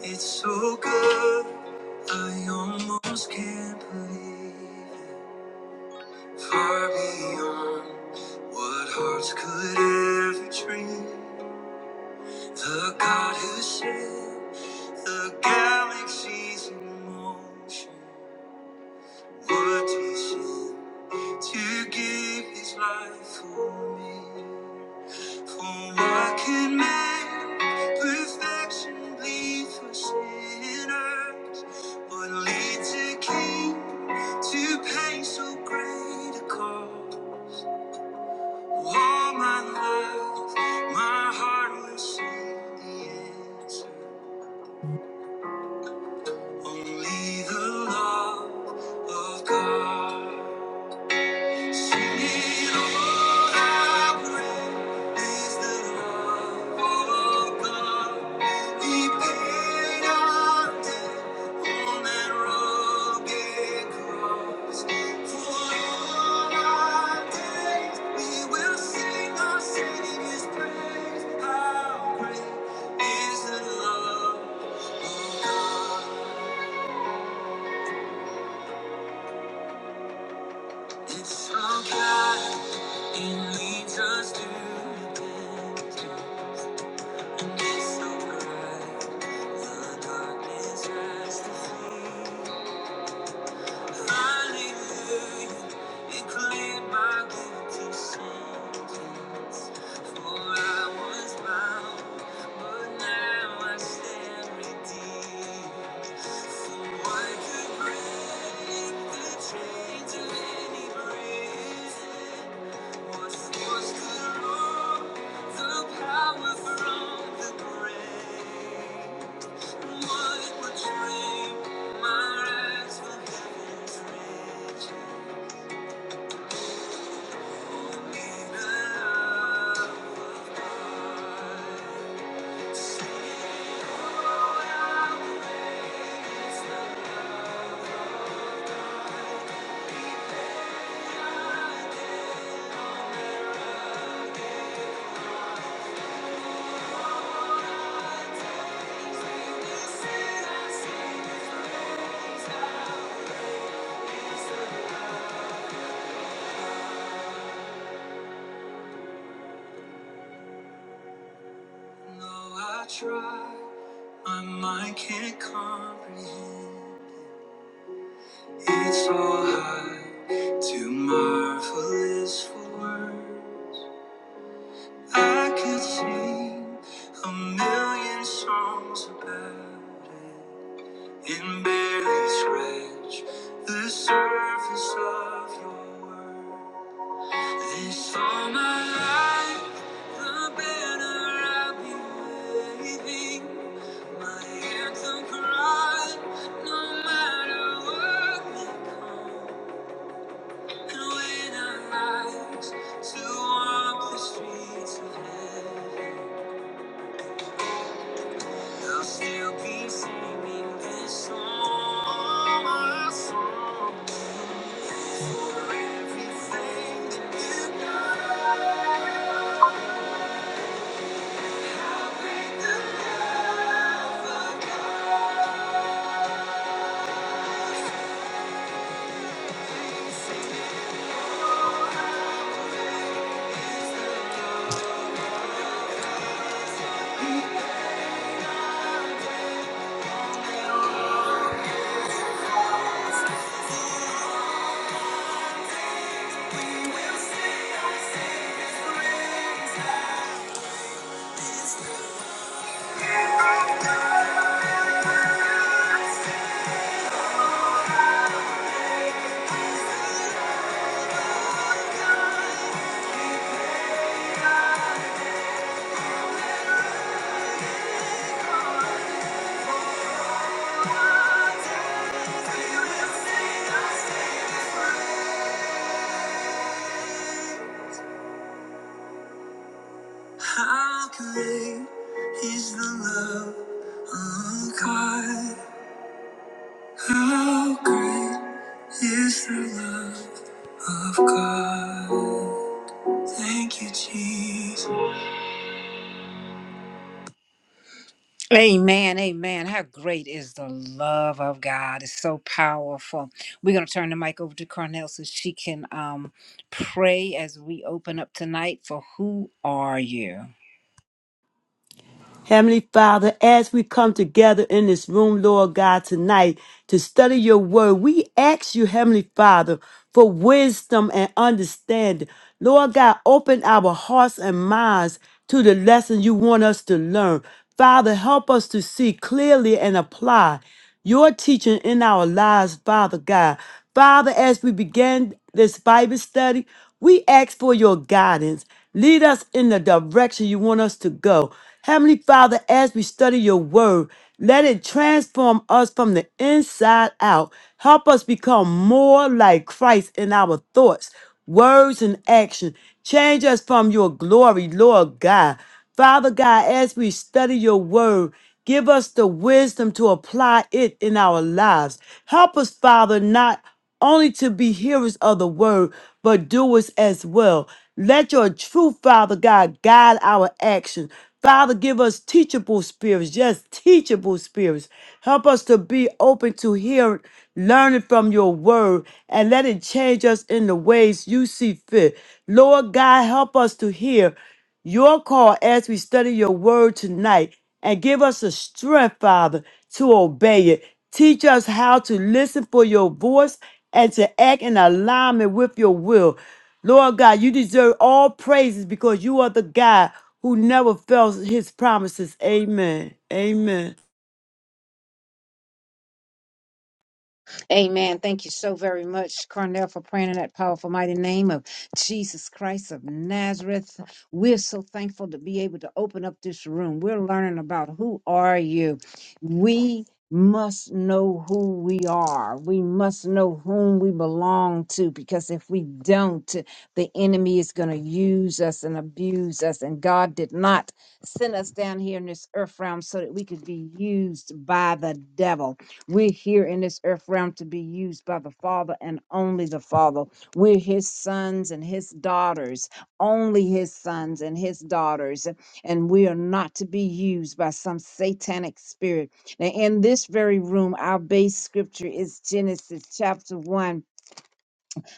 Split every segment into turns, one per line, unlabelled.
It's so good, I almost can't believe it. Far beyond what hearts could ever dream. The God who set the galaxies in motion would descend. to give his life for me. For what can man perfection bleed for sinners? But leads a king to pay so great a cost? All my life, my heart will sing the answer. Only the love of God. Is the love of God. It's so God, it leads us to the repentance. And it's so bright, the darkness has to flee. Power from the grave. No, I try, my mind can't comprehend. It's all high, too marvelous for words. I could sing a million songs about it and barely scratch the surface of your world. This all my life, the banner i will be waving, my anthem cry, no matter what may come. I'll still be singing this song. My soul, everything that will sing, I'll sing How great is the love of God? How great is the love of God? Thank you, Jesus. April, we gonna can, um,
Heavenly Father, as we come together in this room, Lord God, tonight to study your word, we ask you, Heavenly Father, for wisdom and understanding. Lord God, open our hearts and minds to the lesson you want us to learn. Father, help us to see clearly and apply your teaching in our lives, Father God. Father, as we begin this Bible study, we ask for your guidance. Lead us in the direction you want us to go. Heavenly Father, as we study your word, let it transform us from the inside out. Help us become more like Christ in our thoughts, words, and action. Change us from your glory, Lord God. Father God, as we study your word, give us the wisdom to apply it in our lives. Help us, Father, not only to be hearers of the word, but doers as well. Let your truth, Father God, guide our action. Father, give us teachable spirits, just teachable spirits. Help us to be open to hear, learning from your word, and let it change us in the ways you see fit. Lord God, help us to hear your call as we study your word tonight and give us the strength, Father, to obey it. Teach us how to listen for your voice and to act in alignment with your will. Lord God, you deserve all praises because you are the God who never fails his promises. Amen. Amen.
Amen. Thank you so very much, Cornell, for praying in that powerful, mighty name of Jesus Christ of Nazareth. We're so thankful to be able to open up this room. We're learning about who are you. We must know who we are. We must know whom we belong to because if we don't, the enemy is going to use us and abuse us. And God did not send us down here in this earth realm so that we could be used by the devil. We're here in this earth realm to be used by the Father and only the Father. We're His sons and His daughters, only His sons and His daughters. And we are not to be used by some satanic spirit. Now, in this very room, our base scripture is Genesis chapter 1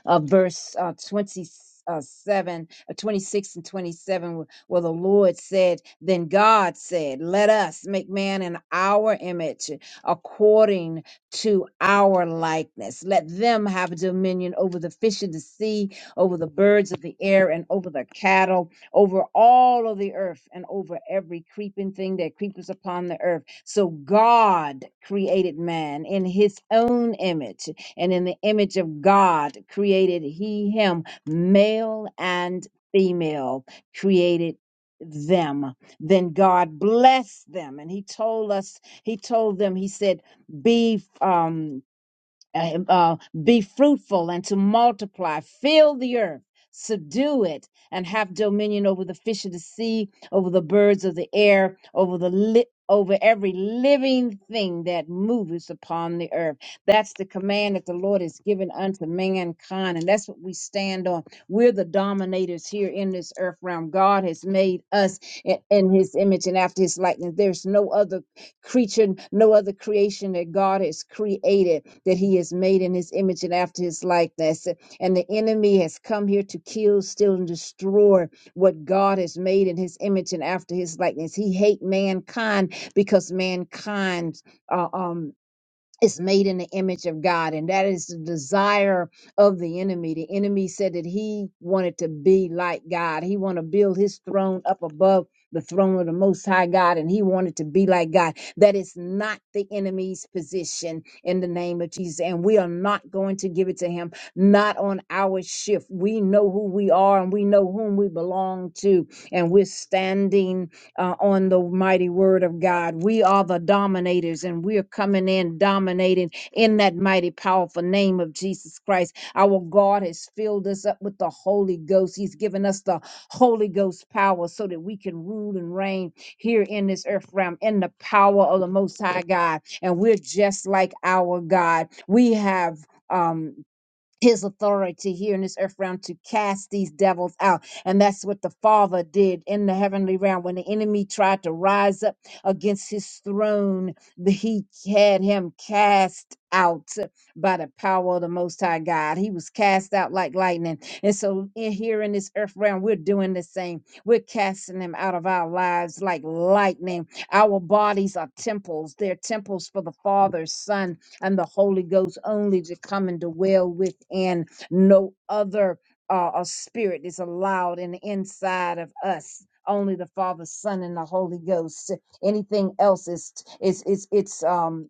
uh, verse uh, 27, uh, seven, uh, 26 and 27, wh- where the Lord said, Then God said, Let us make man in our image, according to our likeness. Let them have dominion over the fish of the sea, over the birds of the air, and over the cattle, over all of the earth, and over every creeping thing that creepers upon the earth. So God created man in his own image and in the image of God created he him, male and female created them. Then God blessed them, and he told us, he told them, he said, be um uh, uh, be fruitful and to multiply, fill the earth, subdue it, and have dominion over the fish of the sea, over the birds of the air, over the li- over every living thing that moves upon the earth. That's the command that the Lord has given unto mankind, and that's what we stand on. We're the dominators here in this earth realm. God has made us i- in His image and after His likeness. There's no other creature, no other creation that God has created, that He has made in His image and after His likeness. And the enemy has come here to kill, steal, and destroy what God has made in His image and after His likeness. He hate mankind because mankind. uh, um is made in the image of God, and that is the desire of the enemy. The enemy said that he wanted to be like God. He wanted to build his throne up above the throne of the Most High God, and he wanted to be like God. That is not the enemy's position in the name of Jesus, and we are not going to give it to him. Not on our shift. We know who we are, and we know whom we belong to, and we're standing uh, on the mighty word of God. We are the dominators and we are coming in dominating in that mighty powerful name of Jesus Christ. Our God has filled us up with the Holy Ghost. He's given us the Holy Ghost power so that we can rule and reign here in this earth realm in the power of the Most High God. And we're just like our God. We have. Um, his authority here in this earth realm to cast these devils out. And that's what the Father did in the heavenly realm. When the enemy tried to rise up against his throne, the- he had him cast out by the power of the Most High God. He was cast out like lightning. And so in, here in this earth realm, we're doing the same. We're casting them out of our lives like lightning. Our bodies are temples, they're temples for the Father, Son, and the Holy Ghost only to come and dwell within no other uh, uh, spirit is allowed in the inside of us. Only the Father, Son, and the Holy Ghost. Anything else is is is it's um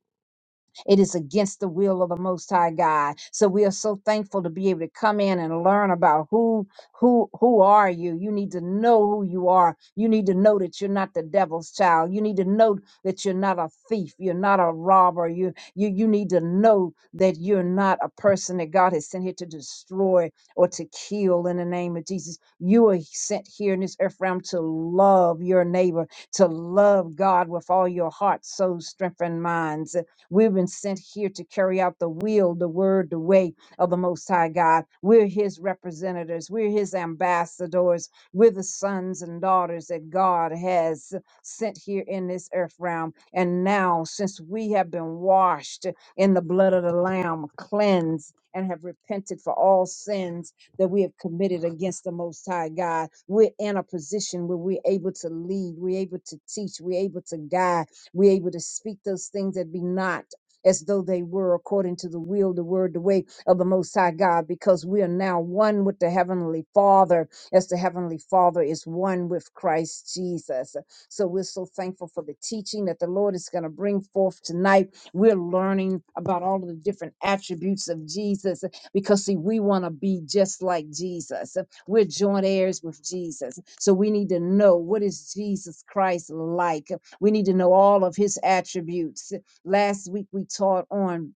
it is against the will of the Most High God. So we are so thankful to be able to come in and learn about who who who are you. You need to know who you are. You need to know that you're not the devil's child. You need to know that you're not a thief. You're not a robber. You you you need to know that you're not a person that God has sent here to destroy or to kill. In the name of Jesus, you are sent here in this earth realm to love your neighbor to love God with all your heart, soul, strength, and minds. We've been sent here to carry out the will, the word, the way of the Most High God. We're His representatives, we're His ambassadors, we're the sons and daughters that God has sent here in this earth realm. And now, since we have been washed in the blood of the Lamb, cleansed, and have repented for all sins that we have committed against the Most High God, we're in a position where we're able to lead, we're able to teach, we're able to guide we're able to speak those things that be not as though they were according to the will, the word, the way of the Most High God, because we are now one with the Heavenly Father, as the Heavenly Father is one with Christ Jesus. So we're so thankful for the teaching that the Lord is going to bring forth tonight. We're learning about all of the different attributes of Jesus because, see, we want to be just like Jesus. We're joint heirs with Jesus. So we need to know what is Jesus Christ like? We need to know all of his attributes. Last week we taught on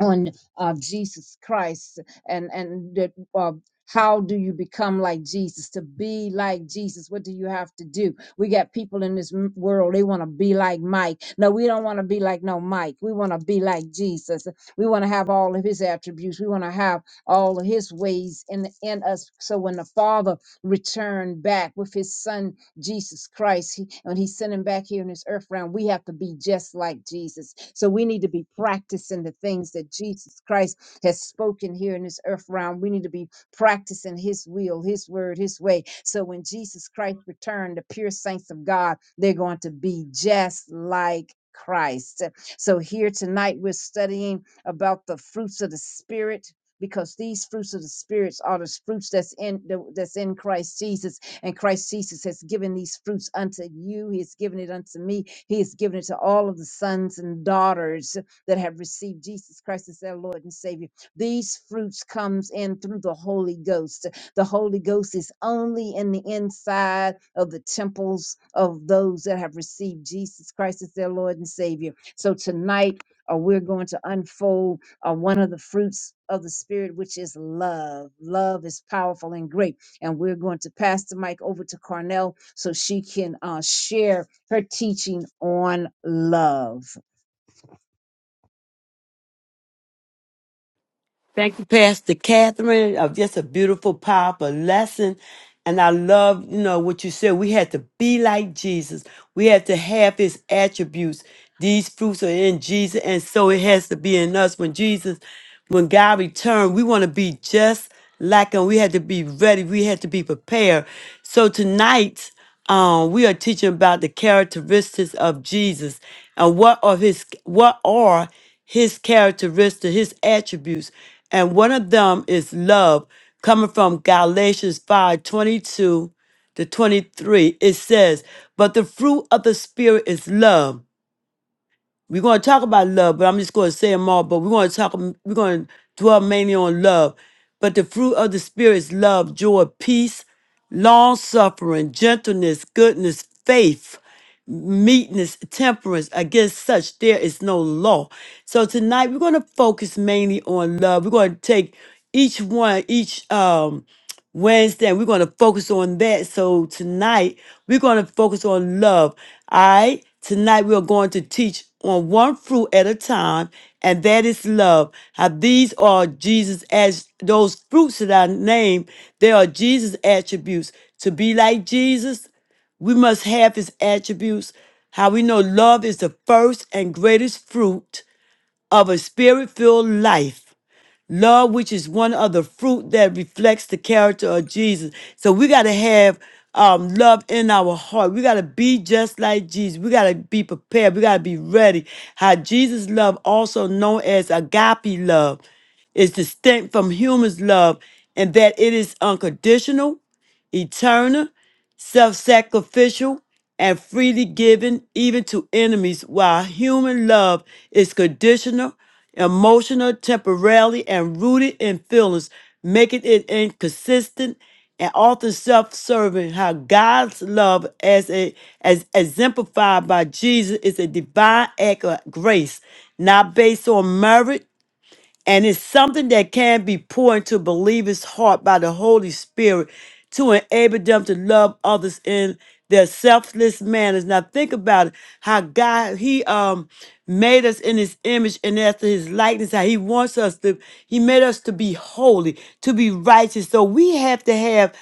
on uh, Jesus Christ and and that uh, how do you become like Jesus? To be like Jesus, what do you have to do? We got people in this m- world, they want to be like Mike. No, we don't want to be like no Mike. We want to be like Jesus. We want to have all of his attributes. We want to have all of his ways in, in us. So when the Father returned back with his son Jesus Christ. He, when He sent Him back here in this earth realm, we have to be just like Jesus. So we need to be practicing the things that Jesus Christ has spoken here in this earth realm. We need to be practicing His will, His word, His way. So when Jesus Christ returned, the pure saints of God, they're going to be just like Christ. So here tonight, we're studying about the fruits of the Spirit because these fruits of the spirits are the fruits that's in the, that's in Christ Jesus and Christ Jesus has given these fruits unto you. He has given it unto me. He has given it to all of the sons and daughters that have received Jesus Christ as their Lord and Savior. These fruits comes in through the Holy Ghost. The Holy Ghost is only in the inside of the temples of those that have received Jesus Christ as their Lord and Savior. So tonight, uh, we're going to unfold uh, one of the fruits of the Spirit, which is love. Love is powerful and great and we're going to pass the mic over to Carnell so she can uh, share her teaching on love.
Thank you, Pastor Catherine, of just a beautiful, powerful lesson. And I love, you know, what you said. We had to be like Jesus. We had to have his attributes. These fruits are in Jesus, and so it has to be in us. When Jesus, when God returned, we want to be just like him. We had to be ready. We had to be prepared. So tonight, um, we are teaching about the characteristics of Jesus and what are his what are his characteristics, his attributes. And one of them is love, coming from Galatians 5 22 to 23. It says, But the fruit of the spirit is love we're going to talk about love, but I'm just going to say them all. But we're going to talk, we're going to dwell mainly on love. But the fruit of the Spirit is love, joy, peace, long suffering, gentleness, goodness, faith meekness, temperance. Against such there is no law. So tonight we're going to focus mainly on love. We're going to take each one, each um Wednesday, and we're going to focus on that. So tonight we're going to focus on love. All right. Tonight we are going to teach on one fruit at a time, and that is love. How these are Jesus as those fruits that I named, they are Jesus attributes. To be like Jesus, we must have his attributes. How we know love is the first and greatest fruit of a spirit filled life. Love, which is one of the fruit that reflects the character of Jesus. So we got to have um, love in our heart. We got to be just like Jesus. We got to be prepared. We got to be ready. How Jesus' love, also known as agape love, is distinct from human's love in that it is unconditional, eternal, self sacrificial, and freely given even to enemies, while human love is conditional, emotional, temporarily, and rooted in feelings, making it inconsistent and often self-serving how God's love as a as exemplified by Jesus is a divine act of grace, not based on merit and it's something that can be poured into believers' heart by the Holy Spirit to enable them to love others in their selfless manners. Now think about it, how God He um made us in his image and after his likeness, how he wants us to, he made us to be holy, to be righteous. So we have to have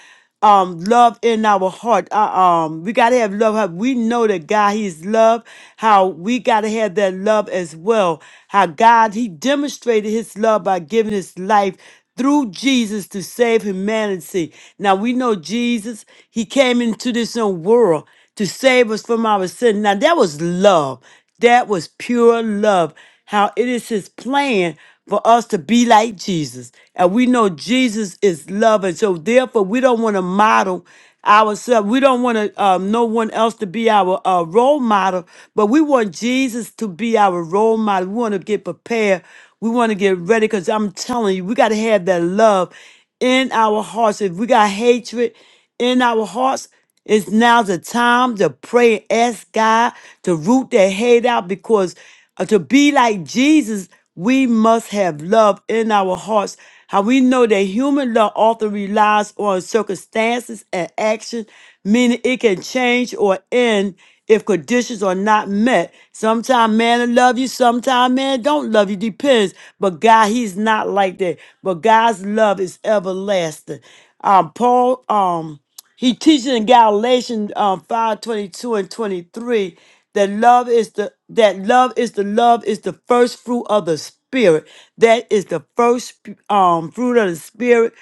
um love in our heart. Uh, um, we gotta have love. How We know that God He is love. How we gotta have that love as well. How God He demonstrated His love by giving His life through Jesus to save humanity. Now we know Jesus He came into this own world to save us from our sin. Now that was love. That was pure love. How it is his plan for us to be like Jesus. And we know Jesus is love. And so therefore we don't want to model ourselves. We don't want to um, no one else to be our uh, role model, but we want Jesus to be our role model. We want to get prepared. We want to get ready because I'm telling you, we got to have that love in our hearts. If we got hatred in our hearts. It's now the time to pray and ask God to root that hate out because uh, to be like Jesus, we must have love in our hearts. How we know that human love often relies on circumstances and action, meaning it can change or end if conditions are not met. Sometimes man will love you, sometimes man don't love you, depends. But God, he's not like that. But God's love is everlasting. Um, Paul, um, he teaches in Galatians um, 5 22 and 23 that love is the that love is the love is the first fruit of the spirit. That is the first um fruit of the spirit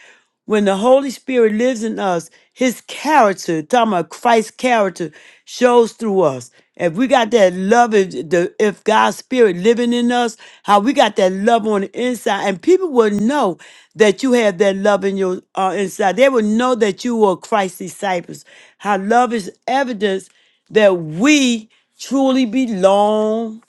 when the Holy Spirit lives in us, his character, talking about Christ's character, shows through us. If we got that love, if, the, if God's spirit living in us, how we got that love on the inside, and people will know that you have that love in your uh, inside. They will know that you are Christ's disciples. How love is evidence that we truly belong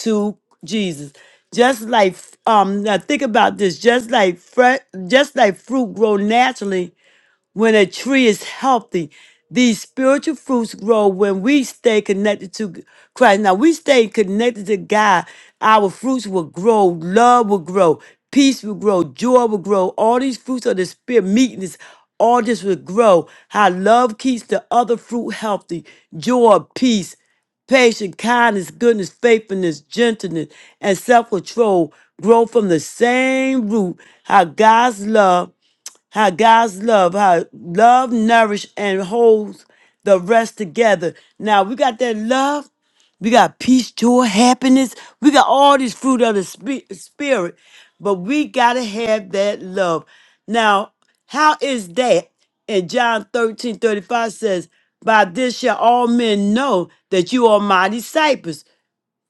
to Jesus. Just like um now think about this, just like fre- just like fruit grow naturally when a tree is healthy, these spiritual fruits grow when we stay connected to Christ. Now we stay connected to God. Our fruits will grow. Love will grow. Peace will grow. Joy will grow. All these fruits of the spirit, meekness, all this will grow. How love keeps the other fruit healthy. Joy, peace, patience, kindness, goodness, faithfulness, gentleness, and self control grow from the same root. How God's love how God's love, how love nourish and holds the rest together. Now we got that love, we got peace, joy, happiness. We got all these fruit of the spi- spirit, but we gotta have that love. Now, how is that? And John 13 35 says, By this shall all men know that you are my disciples.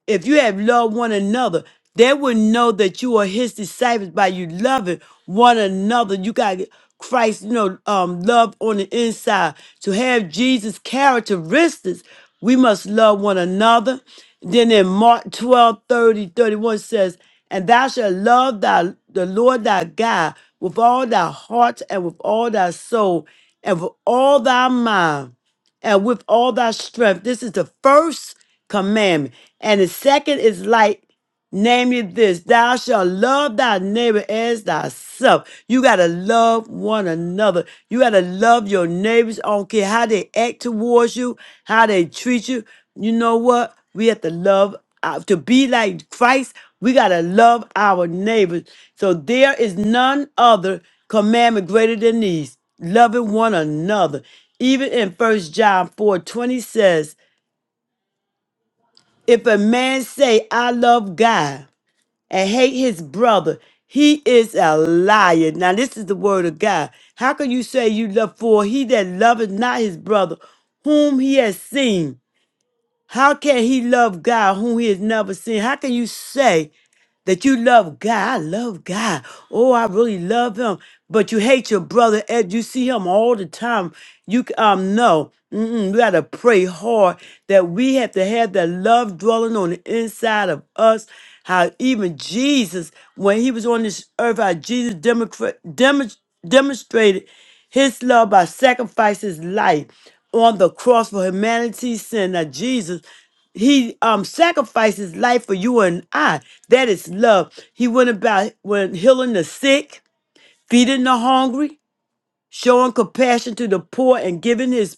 If you have loved one another, they will know that you are his disciples by you loving one another. You got Christ, you know, um, love on the inside. To have Jesus' characteristics, we must love one another. Then in Mark 12, thirty, 31 says, And thou shalt love thy the Lord thy God with all thy heart and with all thy soul and with all thy mind and with all thy strength. This is the first commandment. And the second is light. Namely, this thou shalt love thy neighbor as thyself. You got to love one another. You got to love your neighbors. I don't care how they act towards you, how they treat you. You know what? We have to love. uh, To be like Christ, we got to love our neighbors. So there is none other commandment greater than these loving one another. Even in First John 4 20 says, If a man say, I love God, and hate his brother, he is a liar. Now, this is the word of God. How can you say you love for he that loveth not his brother, whom he has seen? How can he love God whom he has never seen? How can you say that you love God. I love God. Oh, I really love him. But you hate your brother Ed. You see him all the time. You c- um no. Mm-mm, we got to pray hard that we have to have that love dwelling on the inside of us. How even Jesus, when he was on this earth, how Jesus democra- demon- demonstrated his love by sacrificing his life on the cross for humanity's sin. Now, Jesus he um sacrificed his life for you and I. That is love. He went about when healing the sick, feeding the hungry, showing compassion to the poor, and giving his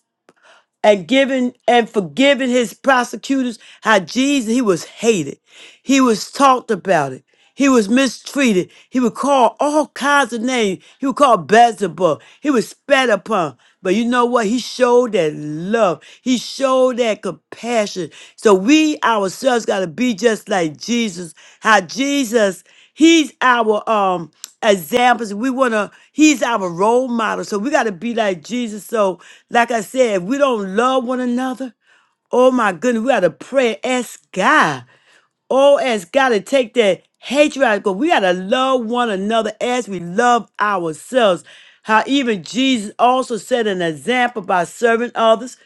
and giving and forgiving his prosecutors how Jesus he was hated. He was talked about it. He was mistreated. He was called all kinds of names. He was called Beelzebub. He was spat upon. But you know what? He showed that love. He showed that compassion. So we ourselves got to be just like Jesus. How Jesus, he's our um examples. We want to He's our role model. So we got to be like Jesus. So, like I said, if we don't love one another, oh my goodness, we got to pray, ask God. Oh, ask God to take that hatred out. Because we got to love one another as we love ourselves. How even Jesus also set an example by serving others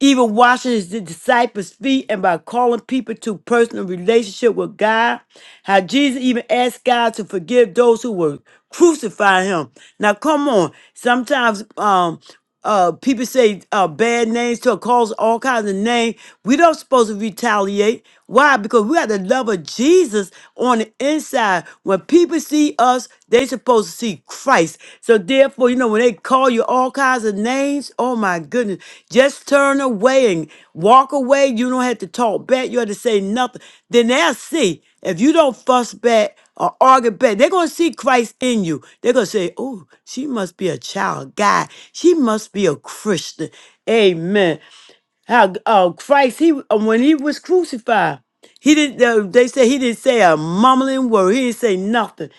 even washing his disciples' feet and by calling people to personal relationship with God. How Jesus even asked God to forgive those who were crucifying him. Now come on. Sometimes um uh people say uh bad names to calls all kinds of names. We don't supposed to retaliate. Why? Because we got the love of Jesus on the inside. When people people see us, they supposed to see Christ. So therefore, you know, when they call you all kinds of names, oh my goodness, just turn away and walk away. You don't have to talk back. You have to say nothing. Then they'll see. If you don't fuss back or argue back, they're gonna see Christ in you. They're gonna say, Oh, she must be a child of God. She must be a Christian. Amen how uh, Christ he uh, when he was crucified, he didn't. Uh, they say he didn't say a mumbling word. He didn't say nothing.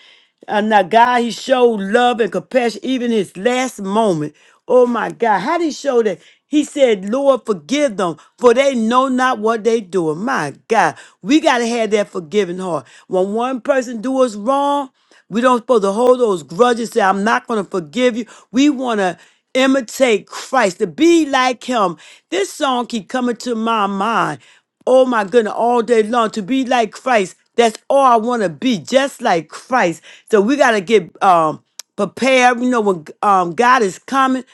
And now God, he showed love and compassion even his last moment. Oh my God, how did he show that? He said, "Lord, forgive them, for they know not what they do." My God, we gotta have that forgiving heart. When one person do us wrong. We don't supposed to hold those grudges, say, I'm not going to forgive you. We want to imitate Christ, to be like him. This song keep coming to my mind. Oh my goodness, all day long, to be like Christ. That's all I want to be, just like Christ. So we got to get um, prepared. You know, when um, God is coming,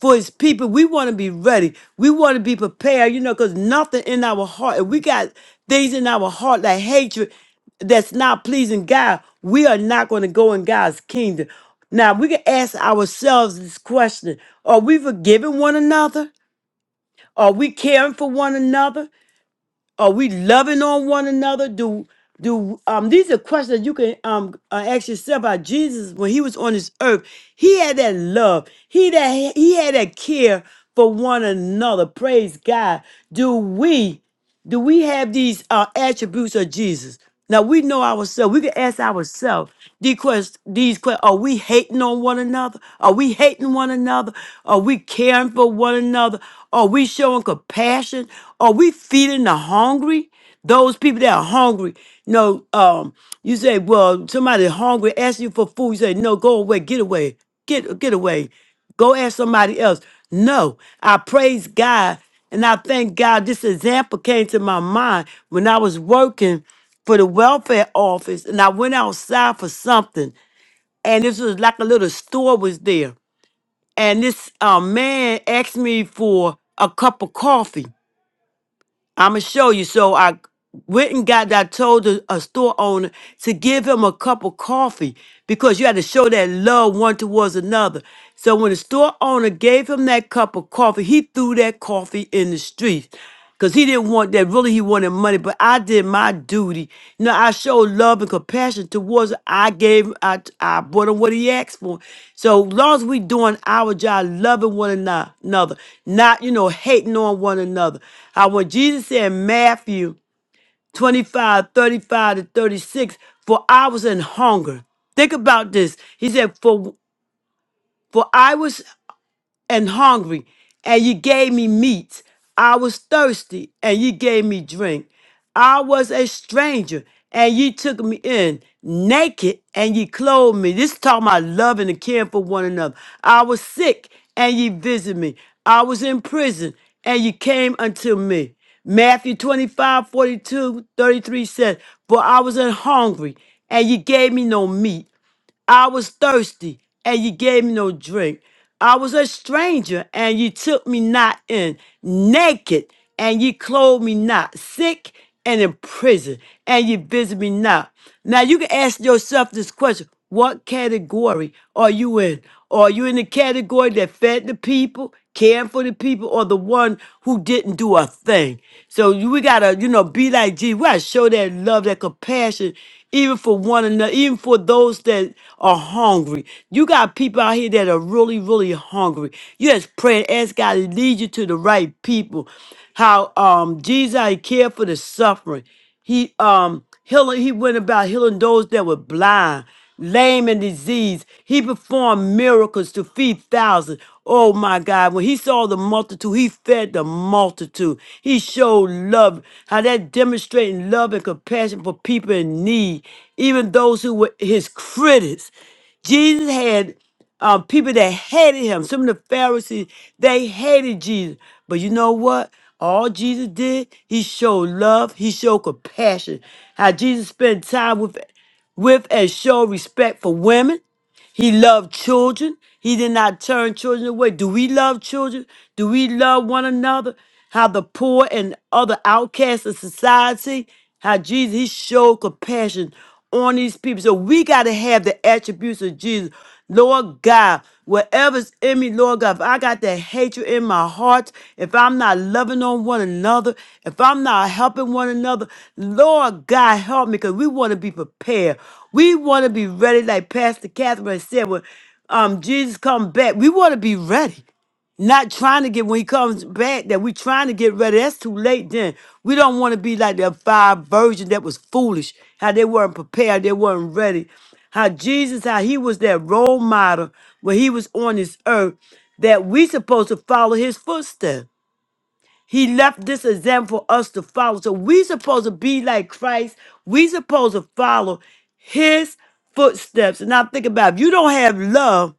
for his people. We want to be ready. We want to be prepared, you know, because nothing in our heart, if we got things in our heart like hatred, that's not pleasing God, we are not going to go in God's kingdom. Now we can ask ourselves this question: Are we forgiving one another? Are we caring for one another? Are we loving on one another? Do do um these are questions you can um uh, ask yourself about Jesus when he was on this earth. He had that love. He that he had that care for one another. Praise God. Do we? do we have these uh, attributes of Jesus? Now we know ourselves. We can ask ourselves these questions. These questions: Are we hating on one another? Are we hating one another? Are we caring for one another? Are we showing compassion? Are we feeding the hungry? Those people that are hungry. No, um, you say, well, somebody hungry asks you for food. You say, no, go away, get away, get get away. Go ask somebody else. No, I praise God and I thank God. This example came to my mind when I was working for the welfare office and I went outside for something. And this was like a little store was there. And this uh, man asked me for a cup of coffee. I'm gonna show you. So I went and got. I told the, a store owner to give him a cup of coffee because you had to show that love one towards another. So when the store owner gave him that cup of coffee, he threw that coffee in the street because he didn't want that. Really he wanted money, but I did my duty. You know, I showed love and compassion towards. I gave, I, I brought him what he asked for. So long as we doing our job, loving one ano- another, not you know hating on one another. How when Jesus said in Matthew 25 35 to 36, for I was in hunger. Think about this. He said, for for I was and hungry, and ye gave me meat. I was thirsty, and ye gave me drink. I was a stranger, and ye took me in. Naked, and ye clothed me. This is talking about loving and caring for one another. I was sick, and ye visited me. I was in prison, and ye came unto me. Matthew 25 42 33 says, For I was an hungry, and ye gave me no meat. I was thirsty and you gave me no drink. I was a stranger and you took me not in. Naked and you clothed me not. Sick and in prison and you visit me not. Now you can ask yourself this question What category are you in? Are you in the category that fed the people, caring for the people, or the one who didn't do a thing? So you- we gotta, you know, be like Jesus. We gotta show that love, that compassion even for one another, even for those that are hungry. You got people out here that are really, really hungry. You just pray and ask God to lead you to the right people. How um Jesus how he cared for the suffering. He um healing, he went about healing those that were blind lame and diseased. He performed miracles to feed thousands. Oh my God, when he saw the multitude, he fed the multitude. He showed love, how that demonstrating love and compassion for people in need, even those who were his critics. Jesus had um, people that hated him. Some of the Pharisees, they hated Jesus. But you know what? All Jesus did, he showed love, he showed compassion. How Jesus spent time with with and showed respect for women. He loved children. He did not turn children away. Do we love children? Do we love one another? How the poor and other outcasts of society, how Jesus, he showed compassion on these people. So we got to have the attributes of Jesus. Lord God, Whatever's in me, Lord God, if I got that hatred in my heart, if I'm not loving on one another, if I'm not helping one another, Lord God, help me because we want to be prepared. We want to be ready, like Pastor Catherine said, when um, Jesus come back, we want to be ready. Not trying to get when he comes back that we trying to get ready. That's too late then. We don't want to be like that five virgin that was foolish. How they weren't prepared, they weren't ready. How Jesus, how he was that role model when he was on this earth, that we supposed to follow his footsteps. He left this example for us to follow. So we supposed to be like Christ. We supposed to follow his footsteps. And now think about it. if you don't have love,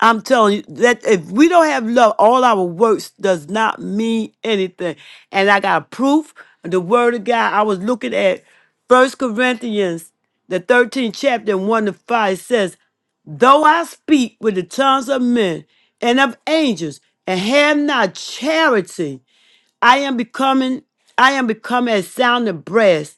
I'm telling you that if we don't have love, all our works does not mean anything. And I got proof of the word of God. I was looking at First Corinthians, the 13th chapter, and 1 to 5 It says, Though I speak with the tongues of men and of angels and have not charity. I am becoming, I am becoming a sounding brass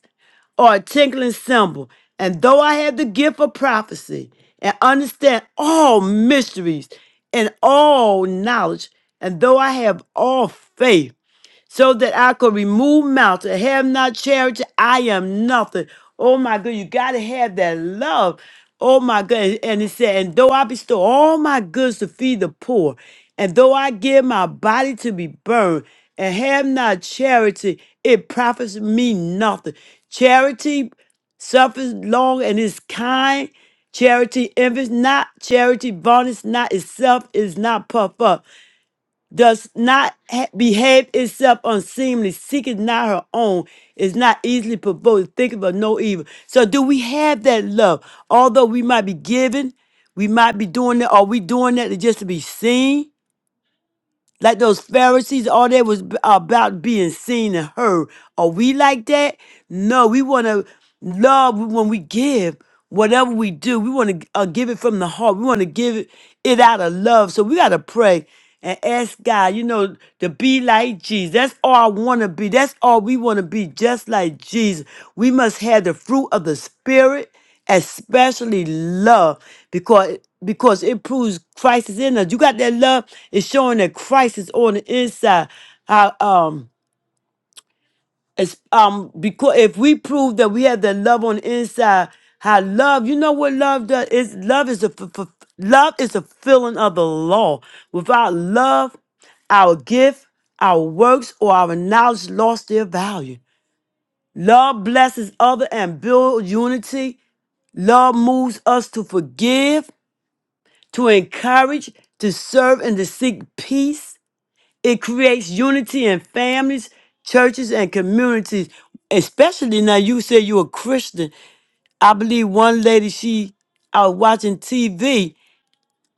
or a tinkling cymbal. And though I have the gift of prophecy and understand all mysteries and all knowledge, and though I have all faith so that I could remove mountains. Have not charity, I am nothing. Oh my God, you gotta have that love. Oh my God. And it said, and though I bestow all my goods to feed the poor, and though I give my body to be burned, and have not charity, it profits me nothing. Charity suffers long and is kind. Charity envies not, charity vaunts not itself, is not puffed up does not ha- behave itself unseemly, seeketh not her own, is not easily provoked, thinketh of no evil. So, do we have that love? Although we might be giving, we might be doing it. Are we doing that to just to be seen? Like those Pharisees, all they was b- about being seen and heard. Are we like that? No, we want to love when we give. Whatever we do, we want to uh, give it from the heart. We want to give it, it out of love. So we got to pray and ask God, you know, to be like Jesus. That's all I want to be. That's all we want to be, just like Jesus. We must have the fruit of the Spirit especially love because because it proves Christ is in us. You got that love, it's showing that Christ is on the inside. How um it's um because if we prove that we have that love on the inside, how love, you know what love does? Is love is a f- f- love is a feeling of the law. Without love, our gift, our works, or our knowledge lost their value. Love blesses other and builds unity. Love moves us to forgive, to encourage, to serve, and to seek peace. It creates unity in families, churches, and communities. Especially now, you say you're a Christian. I believe one lady, she I was watching TV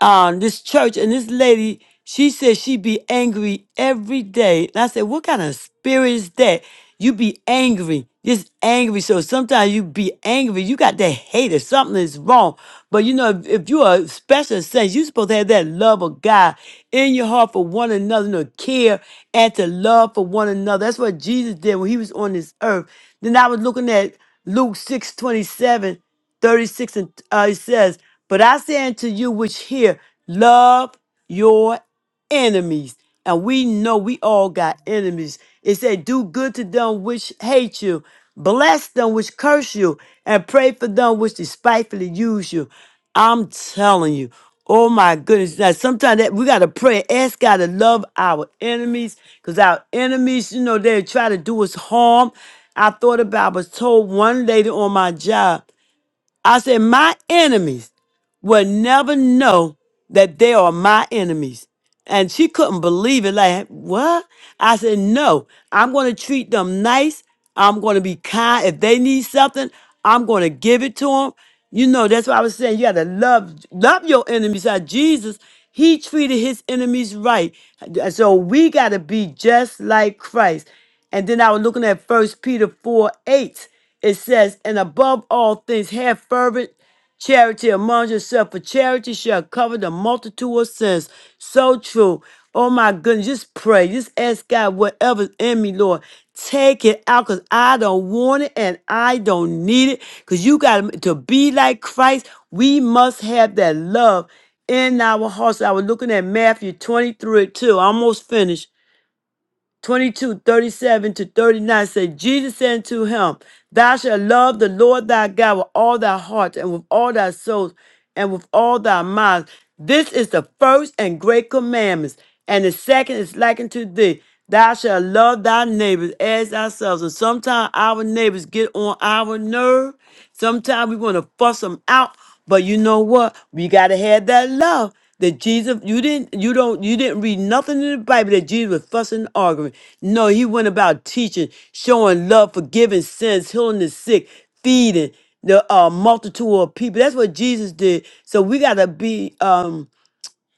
um, this church, and this lady, she said she be angry every day. And I said, what kind of spirit is that? You be angry, just angry. So sometimes you be angry. You got that hate if something is wrong. But you know, if, if you are special saints, you supposed to have that love of God in your heart for one another, to care and to love for one another. That's what Jesus did when he was on this earth. Then I was looking at Luke 6 27. 36 and uh, it says, But I say unto you which hear, love your enemies. And we know we all got enemies. It said, Do good to them which hate you, bless them which curse you, and pray for them which despitefully use you. I'm telling you. Oh my goodness. Now sometimes that we gotta pray. Ask God to love our enemies. Cause our enemies, you know, they try to do us harm. I thought about I was told one lady on my job. I said, My enemies will never know that they are my enemies. And she couldn't believe it. Like, what? I said, no, I'm going to treat them nice. I'm going to be kind. If they need something, I'm going to give it to them. You know, that's why I was saying you got to love, love your enemies. How Jesus, he treated his enemies right. And So we got to be just like Christ. And then I was looking at First Peter 4 8. It says, and above all things, have fervent Charity among yourself, for charity shall cover the multitude of sins. So true. Oh my goodness, just pray. Just ask God whatever's in me, Lord. Take it out because I don't want it and I don't need it. Because you got to be like Christ. We must have that love in our hearts. I was looking at Matthew 23 too, almost finished. 22, 37 to 39 say, Jesus said unto him, Thou shalt love the Lord thy God with all thy heart and with all thy soul and with all thy mind. This is the first and great commandments. And the second is like unto thee. Thou shalt love thy neighbors as thyself. And sometimes our neighbors get on our nerve. Sometimes we want to fuss them out. But you know what? We got to have that love that Jesus you didn't you don't you didn't read nothing in the Bible that Jesus was fussing and arguing. No, he went about teaching, showing love, forgiving sins, healing the sick, feeding the uh, multitude of people. That's what Jesus did. So we gotta be um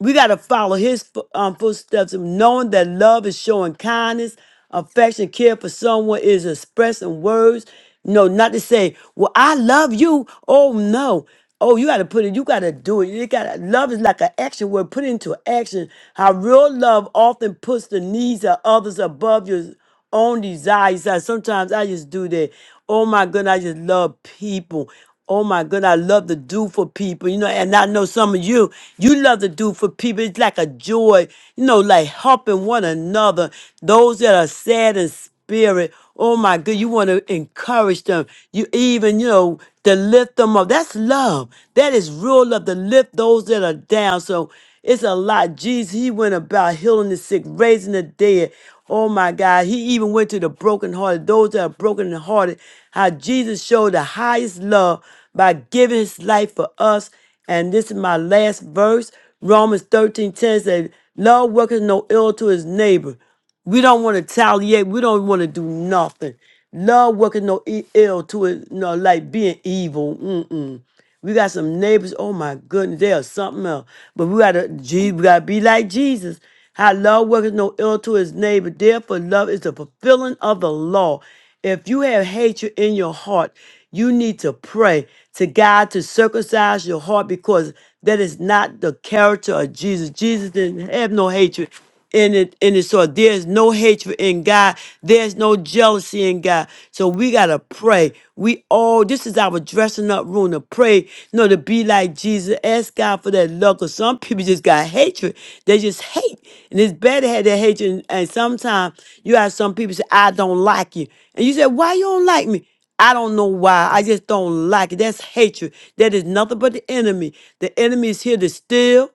we got to follow his fo- um, footsteps, and knowing that love is showing kindness, affection, care for someone is expressed in words. No, not to say, "Well, I love you." Oh no. Oh, you got to put it. You got to do it. You got to love is like an action word. Put it into action. How real love often puts the needs of others above yours own desires. Like, Sometimes I just do that. Oh my goodness, I just love people. Oh my goodness, I love to do for people. You know, and I know some of you, you love to do for people. It's like a joy, you know, like helping one another. Those that are sad in spirit. Oh my good, you want to encourage them. You even, you know, to lift them up. That's love. That is real love to lift those that are down. So it's a lot. Jesus, he went about healing the sick, raising the dead. Oh my God. He even went to the brokenhearted, those that are brokenhearted. How Jesus showed the highest love by giving his life for us. And this is my last verse. Romans 13:10 says, Love worketh no ill to his neighbor. We don't want to retaliate. We don't want to do nothing. Love working no e- ill to it, no like being evil. Mm-mm. We got some neighbors. Oh my goodness, they are something else. But we gotta, Je- we gotta be like Jesus. How love worketh no ill to his neighbor. Therefore, love is the fulfilling of the law. If you have hatred in your heart, you need to pray to God to circumcise your heart because that is not the character of Jesus. Jesus didn't have no hatred in it in his heart. There's no hatred in God. There's no jealousy in God. So we gotta pray. We all this is our dressing up God room to pray, you know, to be like Jesus. Ask God for that love. Cause some people just got hatred. They just hate. And it's better to have that hatred. And, and sometimes you have some people say, I don't like you. And you say, Why you don't like me? I don't know why. I just don't like it. That's hatred. That is nothing but the enemy. The enemy is here to steal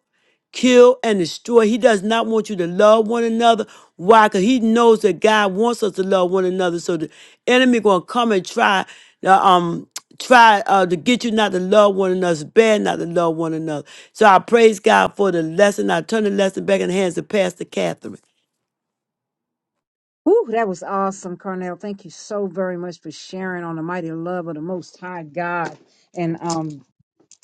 kill, and destroy. He does not want you to love one another. Why? Because he knows that God wants us to love one another. So the enemy gonna come and try uh, um try uh, to get you not to love one another. It's bad not to love one another. So I praise God for the lesson. I turn the lesson back in the hands of Pastor Catherine.
Ooh, that was awesome, Carnell. Thank you so very much for sharing on the mighty love of the Most High God. And um,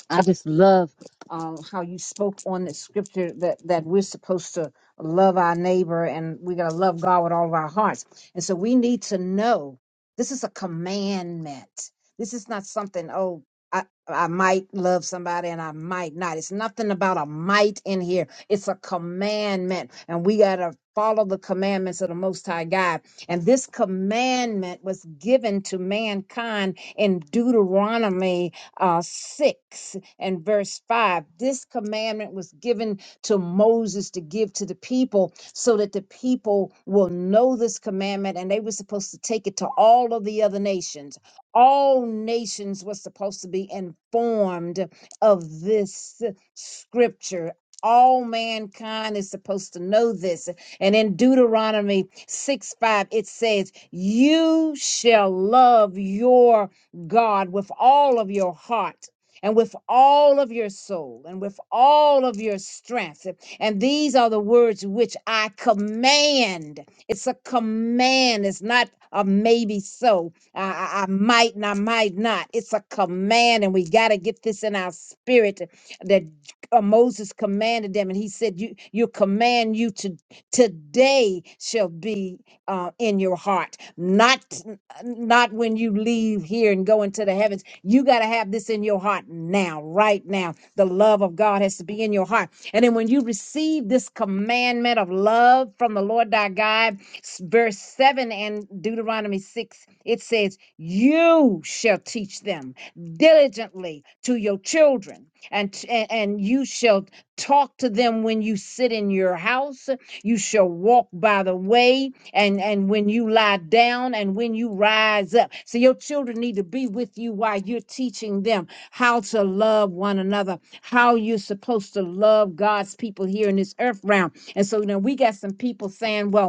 I just love um, how you spoke on the scripture that, that we're supposed to love our neighbor and we got to love God with all of our hearts. And so we need to know this is a commandment. This is not something, oh, I, I might love somebody and I might not. It's nothing about a might in here. It's a commandment. And we got to follow the commandments of the Most High God. And this commandment was given to mankind in Deuteronomy uh, 6 and verse 5. This commandment was given to Moses to give to the people so that the people will know this commandment and they were supposed to take it to all of the other nations. All nations were supposed to be informed of this scripture. All mankind is supposed to know this. And in Deuteronomy 6 5, it says, You shall love your God with all of your heart and with all of your soul and with all of your strength. And these are the words which I command. It's a command, it's not a maybe so. I, I- I might and I might not. It's a command, and we got to get this in our spirit that uh, Moses commanded them, and he said, "You, you command you to today shall be uh, in your heart, not not when you leave here and go into the heavens. You got to have this in your heart now, right now. The love of God has to be in your heart. And then when you receive this commandment of love from the Lord thy God, s- verse 7 and Deuteronomy 6, it says, You shall teach them diligently to your children, and, t- and, and you shall talk to them when you sit in your house. You shall walk by the way and and when you lie down and when you rise up so your children need to be with you while you're teaching them how to love one another how you're supposed to love god's people here in this earth realm and so now we got some people saying well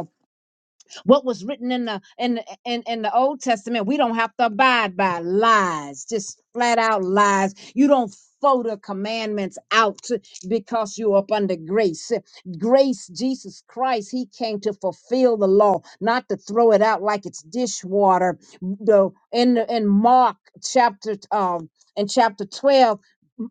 what was written in the in the- in in the Old Testament, we don't have to abide by lies, just flat out lies. You don't throw the commandments out because you're up under grace. Grace, Jesus Christ, He came to fulfill the law, not to throw it out like it's dishwater. Though in the- in Mark chapter um in chapter 12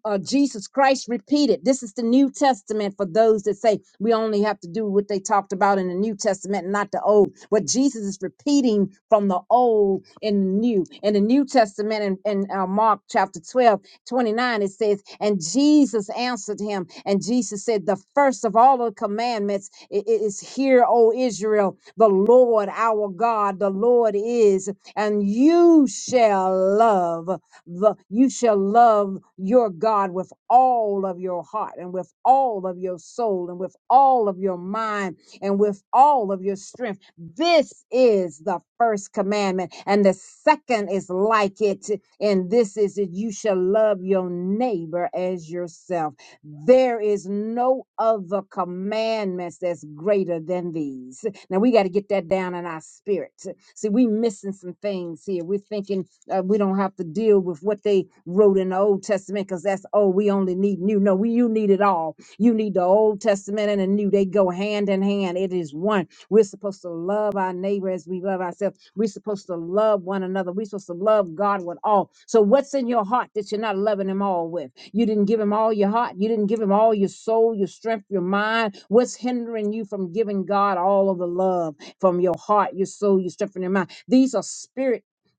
uh, Jesus Christ repeated. This is the New Testament for those that say we only have to do what they talked about in the New Testament, and not the Old. What Jesus is repeating from the Old and the New. In the New Testament, in, in uh, Mark chapter 12, 29, it says, And Jesus answered him, and Jesus said, The first of all the commandments i- i- is, Hear, O Israel, the Lord our God, the Lord is, and you shall love the, you shall love your God with all of your heart and with all of your soul and with all of your mind and with all of your strength. This is the first commandment. And the second is like it. And this is that you shall love your neighbor as yourself. There is no other commandments that's greater than these. Now we got to get that down in our spirit. See, we missing some things here. We're thinking uh, we don't have to deal with what they wrote in the Old Testament because that's, oh, we only need new. No, we, you need it all. You need the Old Testament and the new. They go hand in hand. It is one. We're supposed to love our neighbor as we love ourselves. We're supposed to love one another. We're supposed to love God with all. So, what's in your heart that you're not loving Him all with? You didn't give Him all your heart. You didn't give Him all your soul, your strength, your mind. What's hindering you from giving God all of the love from your heart, your soul, your strength, and your mind? These are spiritual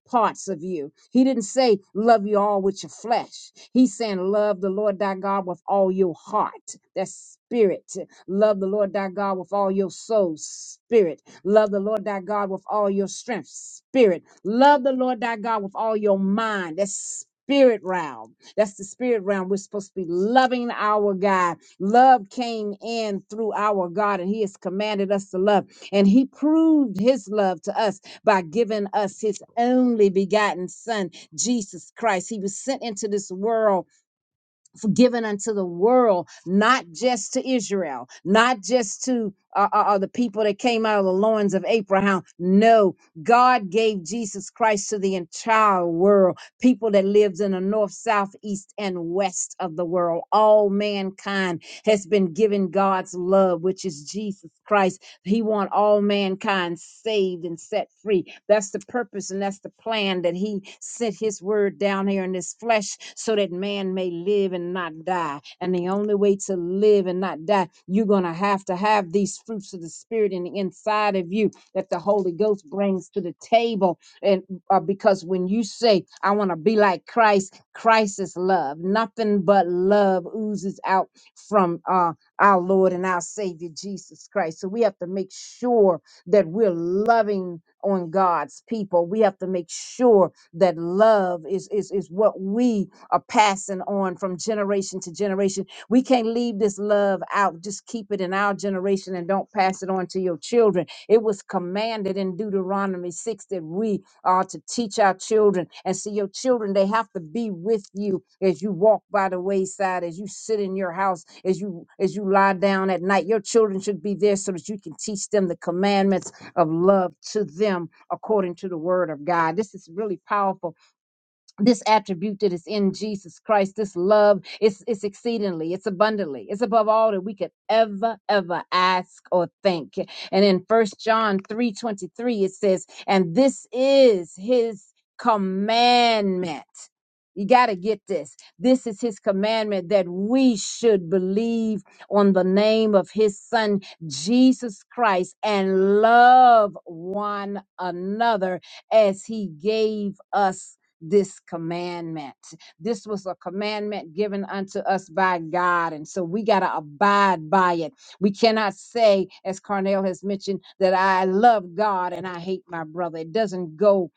parts of you. He didn't say love you all with your flesh. He's saying love the Lord thy God with all your heart. That's spirit. Love the Lord thy God with all your soul. Spirit. Love the Lord thy God with all your strength. Spirit. Love the Lord thy God with all your mind. That's spirit realm. That's the spirit realm. We're supposed to be loving our God. Love came in through our God, and He has commanded us to love. And He proved His love to us by giving us his only begotten son, Jesus Christ. He was sent into this world, forgiven unto the world, not just to Israel, not just to uh, uh, uh, the people that came out of the loins of Abraham. No, God gave Jesus Christ to the entire world, people that lives in the north, south, east, and west of the world. All mankind has been given God's love, which is Jesus Christ he want all mankind saved and set free. That's the purpose and that's the plan that he sent his word down here in this flesh so that man may live and not die. And the only way to live and not die, you're going to have to have these fruits of the spirit in the inside of you that the Holy Ghost brings to the table. And uh, because when you say, I want to be like Christ, Christ is love. Nothing but love oozes out from uh, our Lord and our Savior Jesus Christ. So we have to make sure that we're loving on God's people. We have to make sure that love is, is, is what we are passing on from generation to generation. We can't leave this love out. Just keep it in our generation and don't pass it on to your children. It was commanded in Deuteronomy 6 that we uh, to teach our children. And see, your children, they have to be with you as you walk by the wayside, as you sit in your house, as you as you lie down at night. Your children should be there so that you can teach them the commandments of love to them according to the word of God. This is really powerful this attribute that is in Jesus Christ, this love, it's, it's exceedingly, it's abundantly, it's above all that we could ever, ever ask or think. And in First John 3 23, it says, And this is his commandment. You got to get this. This is his commandment that we should believe on the name of his son, Jesus Christ, and love one another as he gave us this commandment. This was a commandment given unto us by God. And so we got to abide by it. We cannot say, as Carnell has mentioned, that I love God and I hate my brother. It doesn't go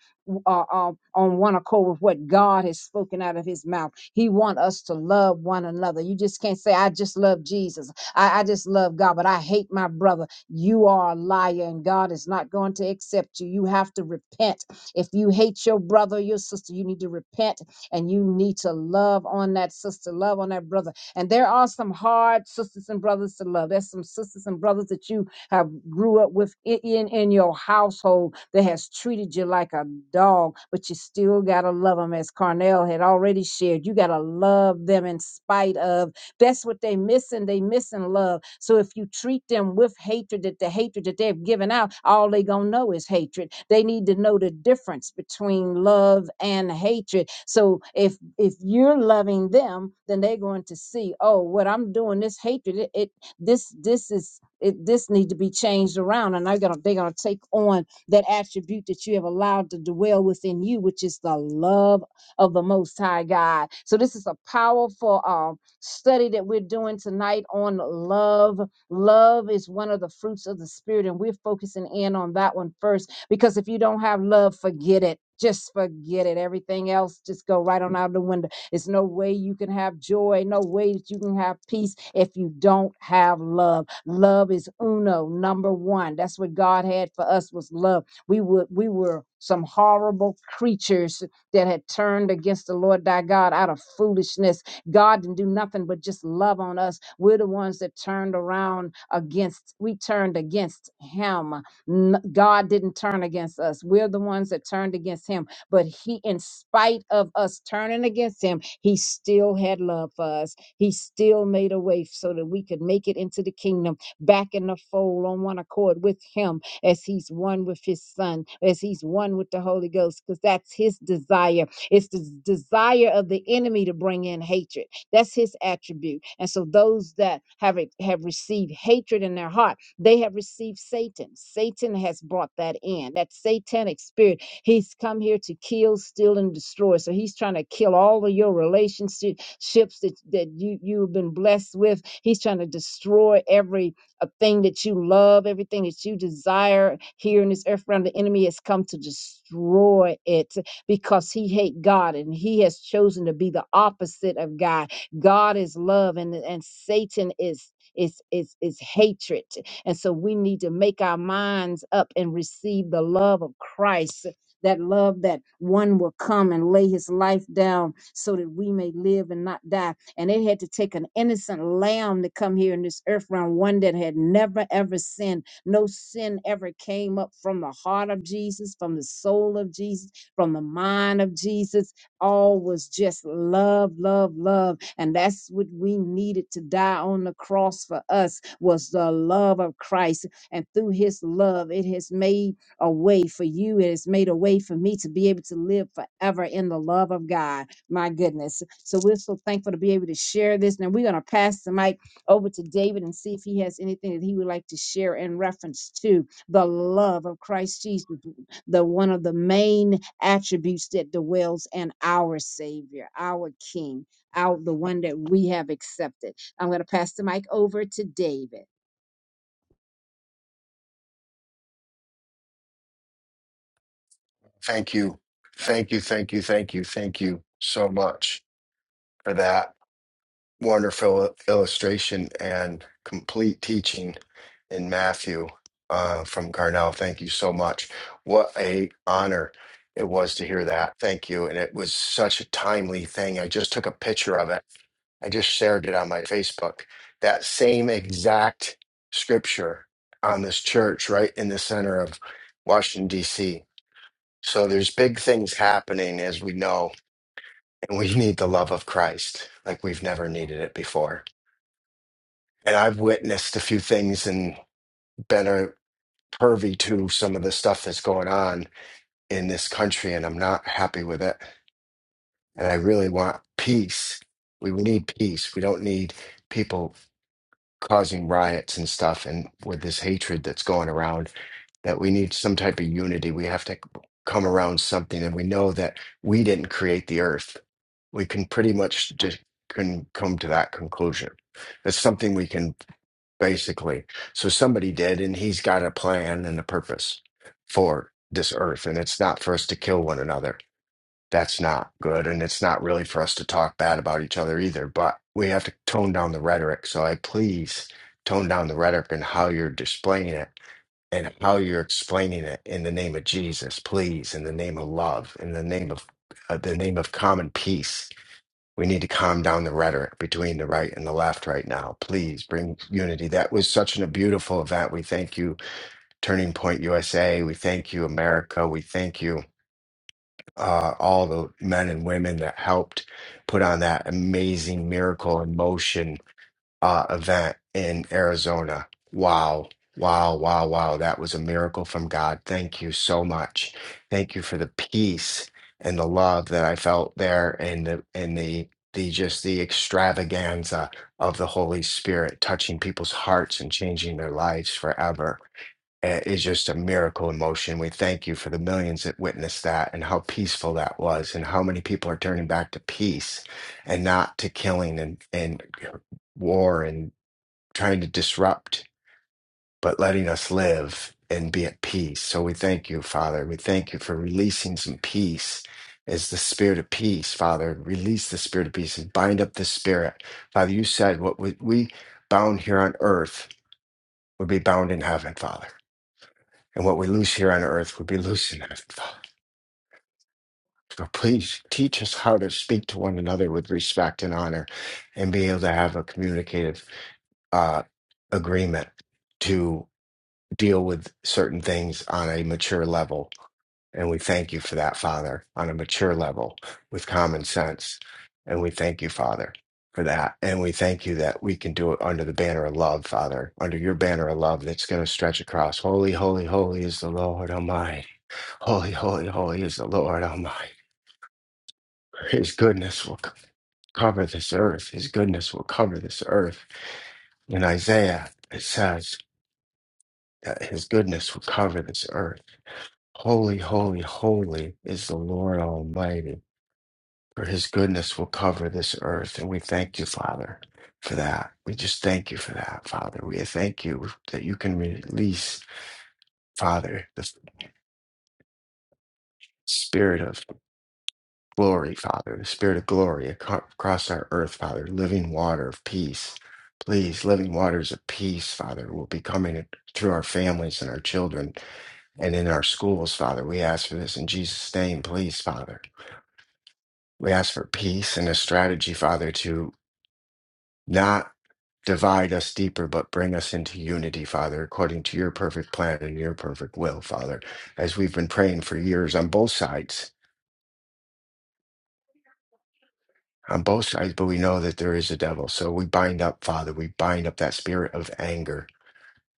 uh, uh, on one accord with what God has spoken out of his mouth. He want us to love one another. You just can't say, I just love Jesus. I, I just love God, but I hate my brother. You are a liar and God is not going to accept you. You have to repent if you hate your brother, your sister, you need to repent and you need to love on that sister, love on that brother. And there are some hard sisters and brothers to love. There's some sisters and brothers that you have grew up with i- in, in your household that has treated you like a dog, but you still gotta love them. As Carnell had already shared, you gotta love them in spite of that's what they missing. They missing love. So if you treat them with hatred, that the hatred that they've given out, all they gonna know is hatred. They need to know the difference between love and hatred. So if if you're loving them, then they're going to see, oh, what I'm doing, this hatred, it, it this this is it, this need to be changed around, and they're gonna they're gonna take on that attribute that you have allowed to dwell within you, which is the love of the Most High God. So this is a powerful. um study that we're doing tonight on love. Love is one of the fruits of the Spirit, and we're focusing in on that one first because if you don't have love, forget it. Just forget it. Everything else just go right on out the window. It's no way you can have joy, no way that you can have peace if you don't have love. Love is uno, number one. That's what God had for us was love. We would we were some horrible creatures that had turned against the Lord thy God out of foolishness God didn't do nothing but just love on us. We're the ones that turned around against, we turned against him. N- God didn't turn against us. We're the ones that turned against him. But he, in spite of us turning against him, he still had love for us. He still made a way so that we could make it into the kingdom, back in the fold on one accord with him as he's one with his son, as he's one with the Holy Ghost, because that's his desire it's the desire of the enemy to bring in hatred. That's his attribute. And so those that have re- have received hatred in their heart, they have received Satan. Satan has brought that in. That satanic spirit, he's come here to kill, steal, and destroy. So he's trying to kill all of your relationships that, that you, you've been blessed with. He's trying to destroy every uh, thing that you love, everything that you desire here in this earth realm. The enemy has come to destroy it because he hate God and he has chosen to be the opposite of God. God is love and, and Satan is is is is hatred. And so we need to make our minds up and receive the love of Christ. That love that one will come and lay his life down so that we may live and not die. And it had to take an innocent lamb to come here in this earth realm, one that had never ever sinned. No sin ever came up from the heart of Jesus, from the soul of Jesus from the mind of Jesus. All was just love, love, love. And that's what we needed to die on the cross for us was the love of Christ. And through his love, it has made a way for you. It has made a way for me to be able to live forever in the love of God. My goodness. So we're so thankful to be able to share this. Now we're going to pass the mic over to David and see if he has anything that he would like to share in reference to the love of Christ Jesus the one of the main attributes that dwells in our Savior, our King, our the one that we have accepted. I'm going to pass the mic over to David.
Thank you. Thank you. Thank you. Thank you. Thank you so much for that wonderful illustration and complete teaching in Matthew uh, from Carnell. Thank you so much. What a honor it was to hear that. Thank you. And it was such a timely thing. I just took a picture of it. I just shared it on my Facebook. That same exact scripture on this church right in the center of Washington, D.C so there's big things happening as we know, and we need the love of Christ like we've never needed it before. And I've witnessed a few things and been a pervy to some of the stuff that's going on in this country, and I'm not happy with it. And I really want peace. We need peace. We don't need people causing riots and stuff and with this hatred that's going around that we need some type of unity. We have to come around something and we know that we didn't create the earth we can pretty much just can come to that conclusion. It's something we can basically. So somebody did, and he's got a plan and a purpose for this earth, and it's not for us to kill one another. That's not good, and it's not really for us to talk bad about each other either. But we have to tone down the rhetoric. So I please tone down the rhetoric and how you're displaying it and how you're explaining it in the name of Jesus, please, in the name of love, in the name of uh, the name of common peace we need to calm down the rhetoric between the right and the left right now. Please bring unity. That was such an- a beautiful event. We thank you, Turning Point USA. We thank you, America. We thank you, uh, all the men and women that helped put on that amazing miracle in motion uh, event in Arizona. Wow. Wow, wow, wow. That was a miracle from God. Thank you so much. Thank you for the peace and the love that I felt there and the and the the just the extravaganza of the Holy Spirit touching people's hearts and changing their lives forever uh, is just a miracle in motion. We thank you for the millions that witnessed that and how peaceful that was, and how many people are turning back to peace and not to killing and, and war and trying to disrupt, but letting us live and be at peace. So we thank you, Father. We thank you for releasing some peace. as the spirit of peace, Father? Release the spirit of peace and bind up the spirit, Father. You said what we, we bound here on earth would be bound in heaven, Father. And what we loose here on earth would be loose in heaven, Father. So please teach us how to speak to one another with respect and honor and be able to have a communicative uh, agreement to deal with certain things on a mature level. And we thank you for that, Father, on a mature level with common sense. And we thank you, Father, for that. And we thank you that we can do it under the banner of love, Father, under your banner of love that's going to stretch across. Holy, holy, holy is the Lord Almighty. Holy, holy, holy is the Lord Almighty. His goodness will co- cover this earth. His goodness will cover this earth. In Isaiah, it says that his goodness will cover this earth. Holy, holy, holy is the Lord Almighty, for his goodness will cover this earth. And we thank you, Father, for that. We just thank you for that, Father. We thank you that you can release, Father, the spirit of Glory, Father, the Spirit of glory aco- across our earth, Father, living water of peace. Please, living waters of peace, Father, will be coming through our families and our children and in our schools, Father. We ask for this in Jesus' name, please, Father. We ask for peace and a strategy, Father, to not divide us deeper, but bring us into unity, Father, according to your perfect plan and your perfect will, Father, as we've been praying for years on both sides on both sides, but we know that there is a devil. So we bind up, Father, we bind up that spirit of anger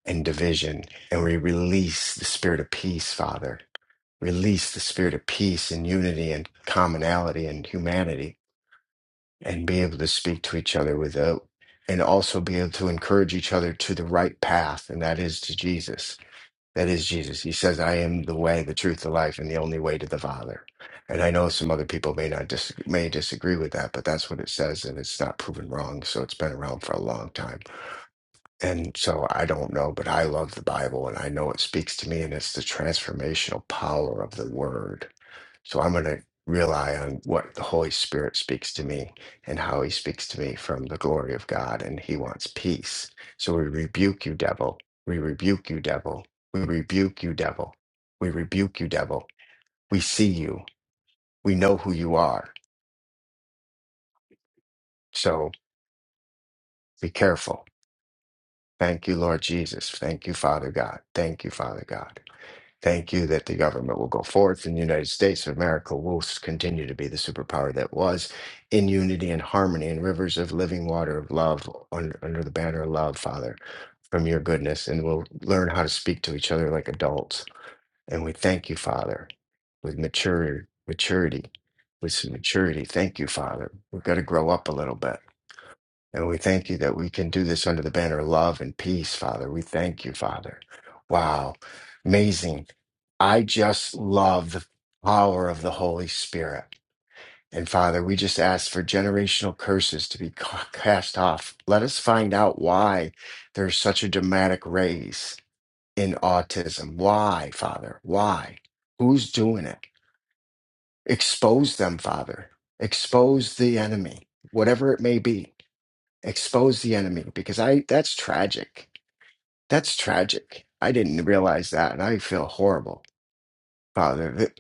and division, and we release the spirit of peace, Father. Release the spirit of peace and unity and commonality and humanity, and be able to speak to each other without, and also be able to encourage each other to the right path, and that is to Jesus. That is Jesus. He says, I am the way, the truth, the life, and the only way to the Father. And I know some other people may not dis- may disagree with that, but that's what it says, and it's not proven wrong. So it's been around for a long time. And so I don't know, but I love the Bible and I know it speaks to me, and it's the transformational power of the word. So I'm going to rely on what the Holy Spirit speaks to me and how he speaks to me from the glory of God. And he wants peace. So we rebuke you, devil. We rebuke you, devil. We rebuke you, devil. We rebuke you, devil. We see you. We know who you are. So be careful. Thank you, Lord Jesus. Thank you, Father God. Thank you, Father God. Thank you that the government will go forth in the United States of America will s- continue to be the superpower that was in unity and harmony and rivers of living water of love un- under the banner of love, Father, from your goodness. And we'll learn how to speak to each other like adults. And we thank you, Father, with mature maturity, with some maturity. Thank you, Father. We've got to grow up a little bit and we thank you that we can do this under the banner of love and peace, Father. We thank you, Father. Wow. Amazing. I just love the power of the Holy Spirit. And Father, we just ask for generational curses to be ca- cast off. Let us find out why there's such a dramatic raise in autism. Why, Father? Why? Who's doing it? Expose them, Father. Expose the enemy, whatever it may be expose the enemy because I that's tragic. That's tragic. I didn't realize that and I feel horrible, Father. That-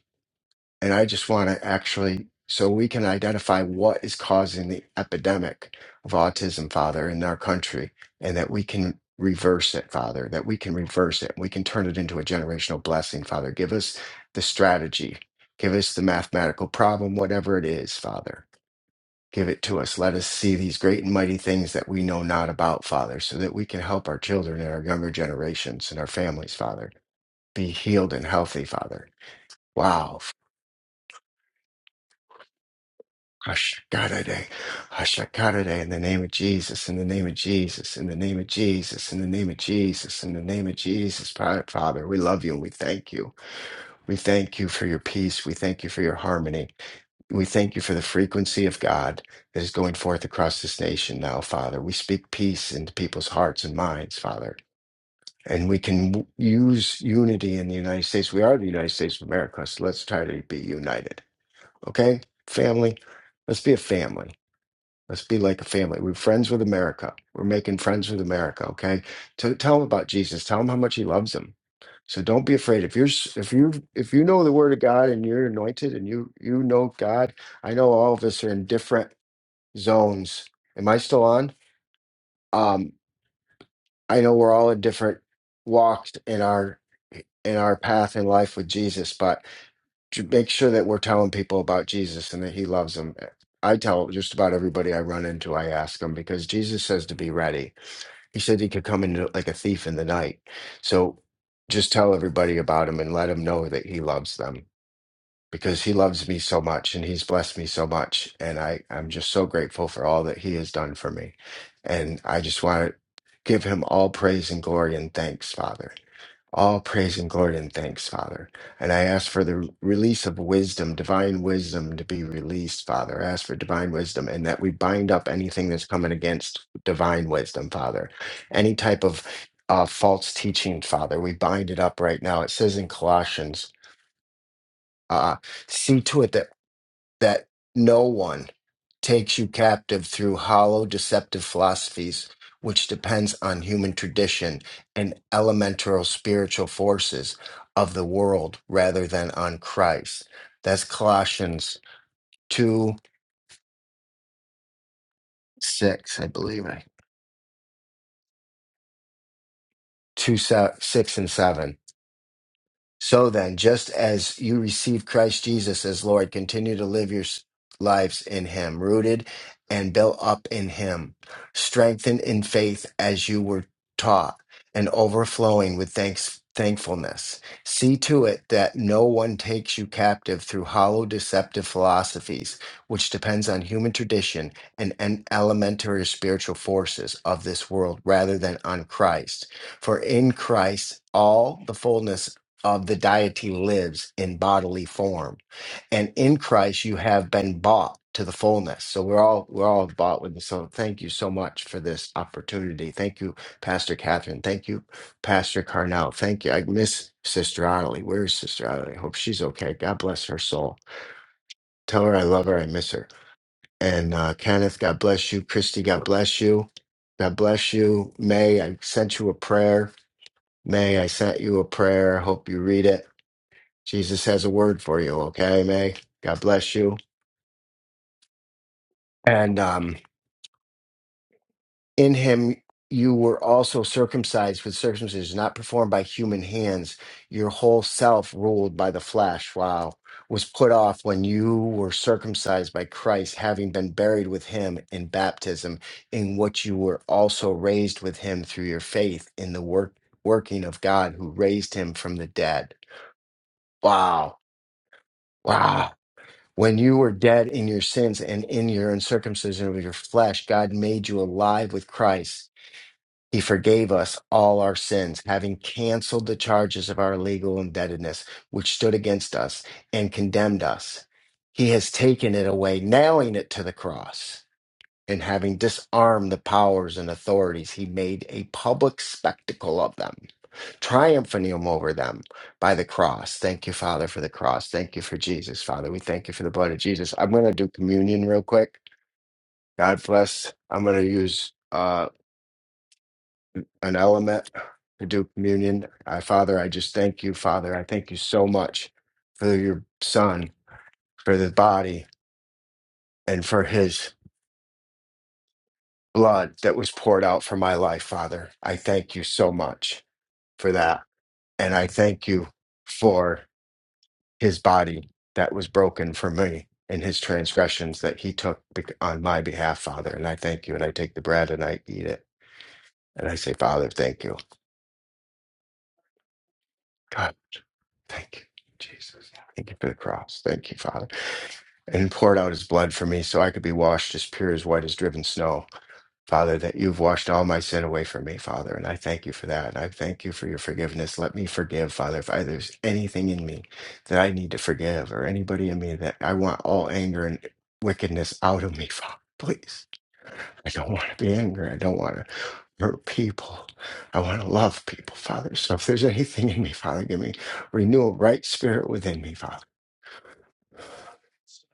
And I just want to actually so we can identify what is causing the epidemic of autism, Father, in our country and that we can reverse it, Father, that we can reverse it. We can turn it into a generational blessing, Father. Give us the strategy. Give us the mathematical problem, whatever it is, Father Give it to us. Let us see these great and mighty things that we know not about, Father, so that we can help our children and our younger generations and our families, Father, be healed and healthy, Father. Wow. Ashakadade, Ashakadade, in the name of Jesus, in the name of Jesus, in the name of Jesus, in the name of Jesus, in the name of Jesus, Father, we love you and we thank you. We thank you for your peace. We thank you for your harmony. We thank you for the frequency of God that is going forth across this nation now, Father. We speak peace into people's hearts and minds, Father. And we can w- use unity in the United States. We are the United States of America, so let's try to be united. Okay, family? Let's be a family. Let's be like a family. We're friends with America. We're making friends with America. Okay, T- tell them about Jesus. Tell them how much He loves them. So don't be afraid. If you're s- if you if you know the Word of God and you're anointed and you you know God, I know all of us are in different zones. Am I still on? Um, I know we're all in different walks in our in our path in life with Jesus, but to make sure that we're telling people about Jesus and that he loves them. I tell just about everybody I run into, I ask them because Jesus says to be ready. He said he could come in like a thief in the night. So just tell everybody about him and let them know that he loves them because he loves me so much and he's blessed me so much. And I, I'm just so grateful for all that he has done for me. And I just want to give him all praise and glory and thanks, Father. All praise and glory and thanks, Father. And I ask for the release of wisdom, divine wisdom to be released, Father. I ask for divine wisdom and that we bind up anything that's coming against divine wisdom, Father. Any type of uh, false teaching, Father, we bind it up right now. It says in Colossians, uh, see to it that that no one takes you captive through hollow, deceptive philosophies, which depends on human tradition and elemental spiritual forces of the world rather than on Christ. That's Colossians 2 6, I believe. right? 2 se- 6 and 7. So then, just as you receive Christ Jesus as Lord, continue to live your s- lives in Him, rooted and built up in Him, strengthened in faith as you were taught, and overflowing with thanks, thankfulness. See to it that no one takes you captive through hollow, deceptive philosophies, which depends on human tradition and, and elementary spiritual forces of this world rather than on Christ. For in Christ, all the fullness of the deity lives in bodily form. And in Christ you have been bought to the fullness. So we're all we're all bought with so thank you so much for this opportunity. Thank you, Pastor Catherine. Thank you, Pastor Carnell. Thank you. I miss Sister Ottilie. Where is Sister Ottilie? I hope she's okay. God bless her soul. Tell her I love her. I miss her. And uh, Kenneth, God bless you. Christy, God bless you. God bless you. May, I sent you a prayer. May, I sent you a prayer. I hope you read it Jesus has a word for you, okay, May? God bless you. And um, in him you were also circumcised with circumcision not performed by human hands, your whole self ruled by the flesh. Wow. Was put off when you were circumcised by Christ, having been buried with him in baptism, in which you were also raised with him through your faith in the work working of God who raised him from the dead. Wow. Wow. When you were dead in your sins and in your uncircumcision of your flesh, God made you alive with Christ. He forgave us all our sins, having canceled the charges of our legal indebtedness, which stood against us and condemned us. He has taken it away, nailing it to the cross. And having disarmed the powers and authorities, he made a public spectacle of them triumphing him over them by the cross. Thank you, Father, for the cross. Thank you for Jesus, Father. We thank you for the blood of Jesus. I'm going to do communion real quick. God bless. I'm going to use uh, an element to do communion. Uh, Father, I just thank you, Father. I thank you so much for your son, for the body, and for his blood that was poured out for my life, Father. I thank you so much for that. And I thank you for. his body that was broken for me and his transgressions that he took bec- on my behalf, Father. And I thank you. And I take the bread and I eat it. And I say, Father, thank you. God, thank you. Jesus, thank you for the cross. Thank you, Father. And poured out his blood for me so I could be washed as pure as white as driven snow. Father, that you've washed all my sin away from me, Father, and I thank you for that. And I thank you for your forgiveness. Let me forgive, Father, if I, there's anything in me that I need to forgive or anybody in me that I want all anger and wickedness out of me, Father, please. I don't want to be angry. I don't want to hurt people. I want to love people, Father. So if there's anything in me, Father, give me renew a right spirit within me, Father.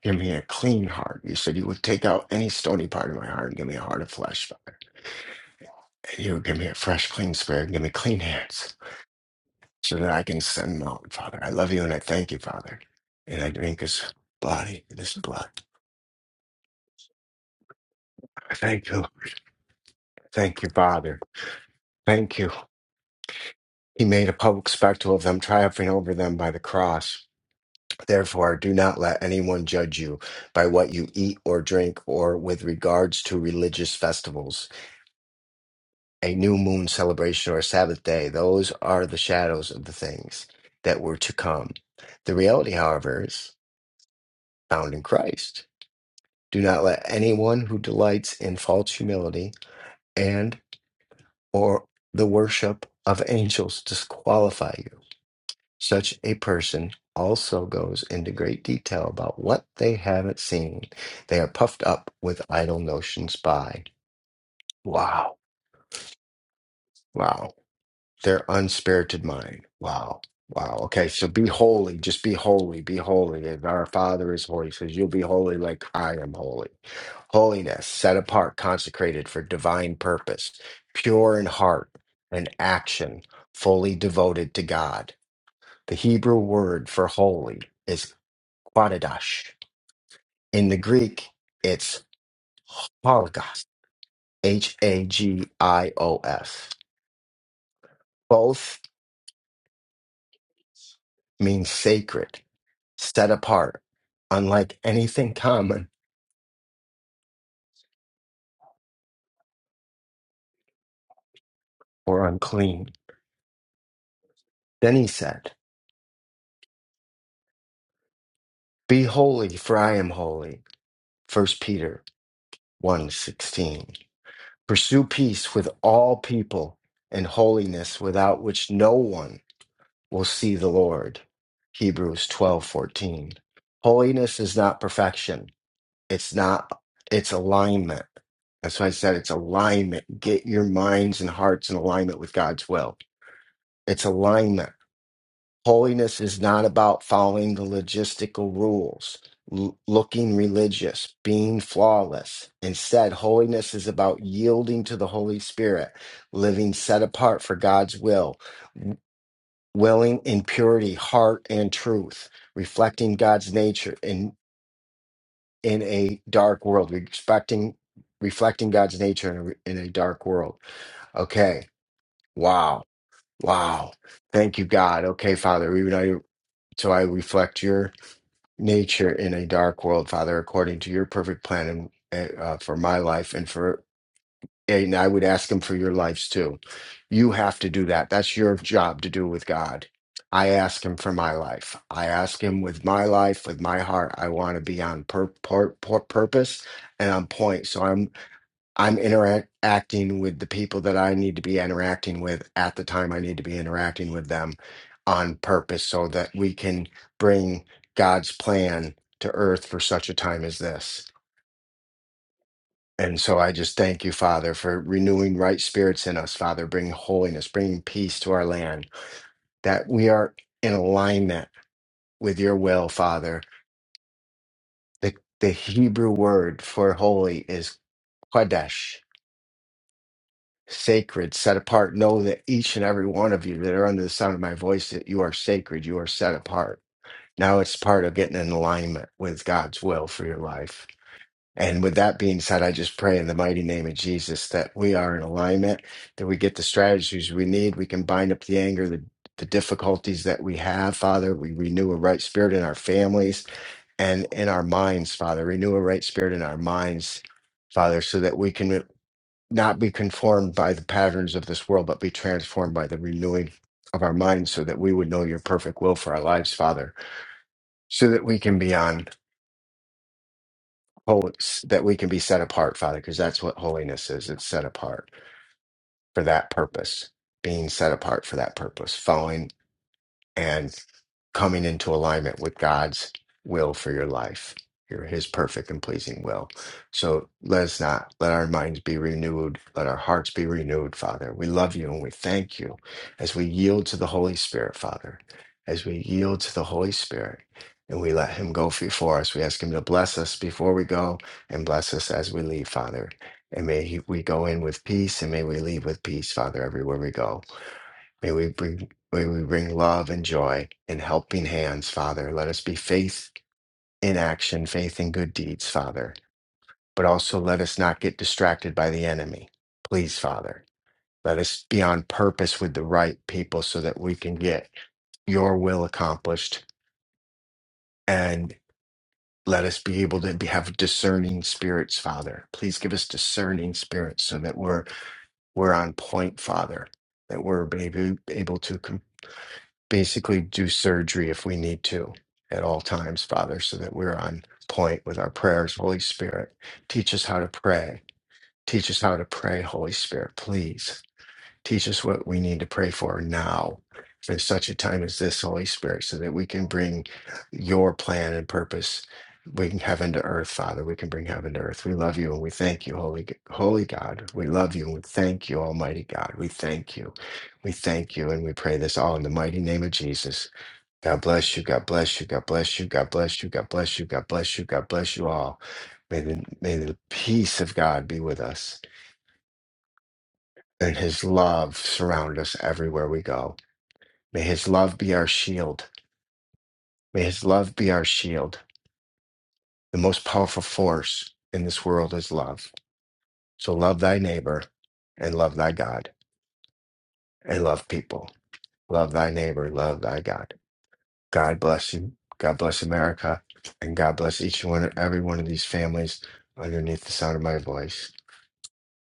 Give me a clean heart. You said you would take out any stony part of my heart and give me a heart of flesh, Father. You give me a fresh, clean spirit. Give me clean hands so that I can send them out, Father. I love you and I thank you, Father. And I drink his body and his blood. I Thank you. Thank you, Father. Thank you. He made a public spectacle of them, triumphing over them by the cross. Therefore, do not let anyone judge you by what you eat or drink or with regards to religious festivals, a new moon celebration, or a Sabbath day. Those are the shadows of the things that were to come. The reality, however, is. found in Christ. Do not let anyone who delights in false humility and or the worship of angels disqualify you. Such a person also goes into great detail about what they haven't seen. They are puffed up with idle notions by. Wow. Wow. their unspirited mind. Wow. Wow. Okay. So be holy. Just be holy. Be holy. And our Father is holy. He says, You'll be holy like I am holy. Holiness, set apart, consecrated for divine purpose, pure in heart and action, fully devoted to God. The Hebrew word for holy is quadash. In the Greek, it's hologos, H A G I O S. Both mean sacred set apart, unlike anything common or unclean. Then he said, Be holy, for I am holy. First Peter one sixteen. Pursue peace with all people and holiness, without which no one will see the Lord. Hebrews twelve fourteen. Holiness is not perfection, it's not, it's alignment. That's why I said it's alignment. Get your minds and hearts in alignment with God's will. It's alignment Holiness is not about following the logistical rules, l- looking religious, being flawless. Instead, holiness is about yielding to the Holy Spirit, living set apart for God's will, willing in purity, heart, and truth, reflecting God's nature in, in a dark world, respecting, reflecting God's nature in a, re- in a dark world. Okay. Wow. Wow. Thank you, God. Okay, Father, even I, so I reflect your nature in a dark world, Father, according to your perfect plan and uh, for my life and for and I would ask him for your lives too. You have to do that. That's your job to do with God. I ask him for my life. I ask him with my life, with my heart. I want to be on pur- pur- pur- purpose and on point. So I'm I'm interacting with the people that I need to be interacting with at the time I need to be interacting with them on purpose so that we can bring God's plan to earth for such a time as this. And so I just thank you, Father, for renewing right spirits in us, Father, bringing holiness, bringing peace to our land, that we are in alignment with your will, Father. The, the Hebrew word for holy is Kodesh sacred, set apart. Know that each and every one of you that are under the sound of my voice, that you are sacred, you are set apart. Now it's part of getting in alignment with God's will for your life. And with that being said, I just pray in the mighty name of Jesus that we are in alignment, that we get the strategies we need. We can bind up the anger, the, the difficulties that we have, Father. We renew a right spirit in our families and in our minds, Father. Renew a right spirit in our minds, Father, so that we can not be conformed by the patterns of this world, but be transformed by the renewing of our minds, so that we would know your perfect will for our lives, Father, so that we can be on holy, that we can be set apart, Father, because that's what holiness is. It's set apart for that purpose, being set apart for that purpose, following and coming into alignment with God's will for your life, your His perfect and pleasing will. So let us not let our minds be renewed, let our hearts be renewed, Father. We love you and we thank you as we yield to the Holy Spirit, Father, as we yield to the Holy Spirit. And we let him go before us. We ask him to bless us before we go and bless us as we leave, Father. And may he, we go in with peace and may we leave with peace, Father, everywhere we go. May we bring may we bring love and joy and helping hands, Father. Let us be faith in action, faith in good deeds, Father. But also let us not get distracted by the enemy. Please, Father. Let us be on purpose with the right people so that we can get your will accomplished. And let us be able to be, have discerning spirits, Father. Please give us discerning spirits so that we're we're on point, Father. That we're able, able to com- basically do surgery if we need to at all times, Father, so that we're on point with our prayers. Holy Spirit, teach us how to pray. Teach us how to pray, Holy Spirit, please. Teach us what we need to pray for now, for such a time as this, Holy Spirit, so that we can bring your plan and purpose. We can heaven to earth, Father. We can bring heaven to earth. We love you and we thank you, Holy Holy God. We love you and we thank you, Almighty God. We thank you. We thank you and we pray this all in the mighty name of Jesus. God bless you. God bless you. God bless you. God bless you. God bless you. God bless you. God bless you all. May the, may the peace of God be with us and his love surround us everywhere we go. May his love be our shield. May his love be our shield. The most powerful force in this world is love. So love thy neighbor and love thy God and love people. Love thy neighbor, love thy God. God bless you. God bless America. And God bless each one, every one of these families underneath the sound of my voice.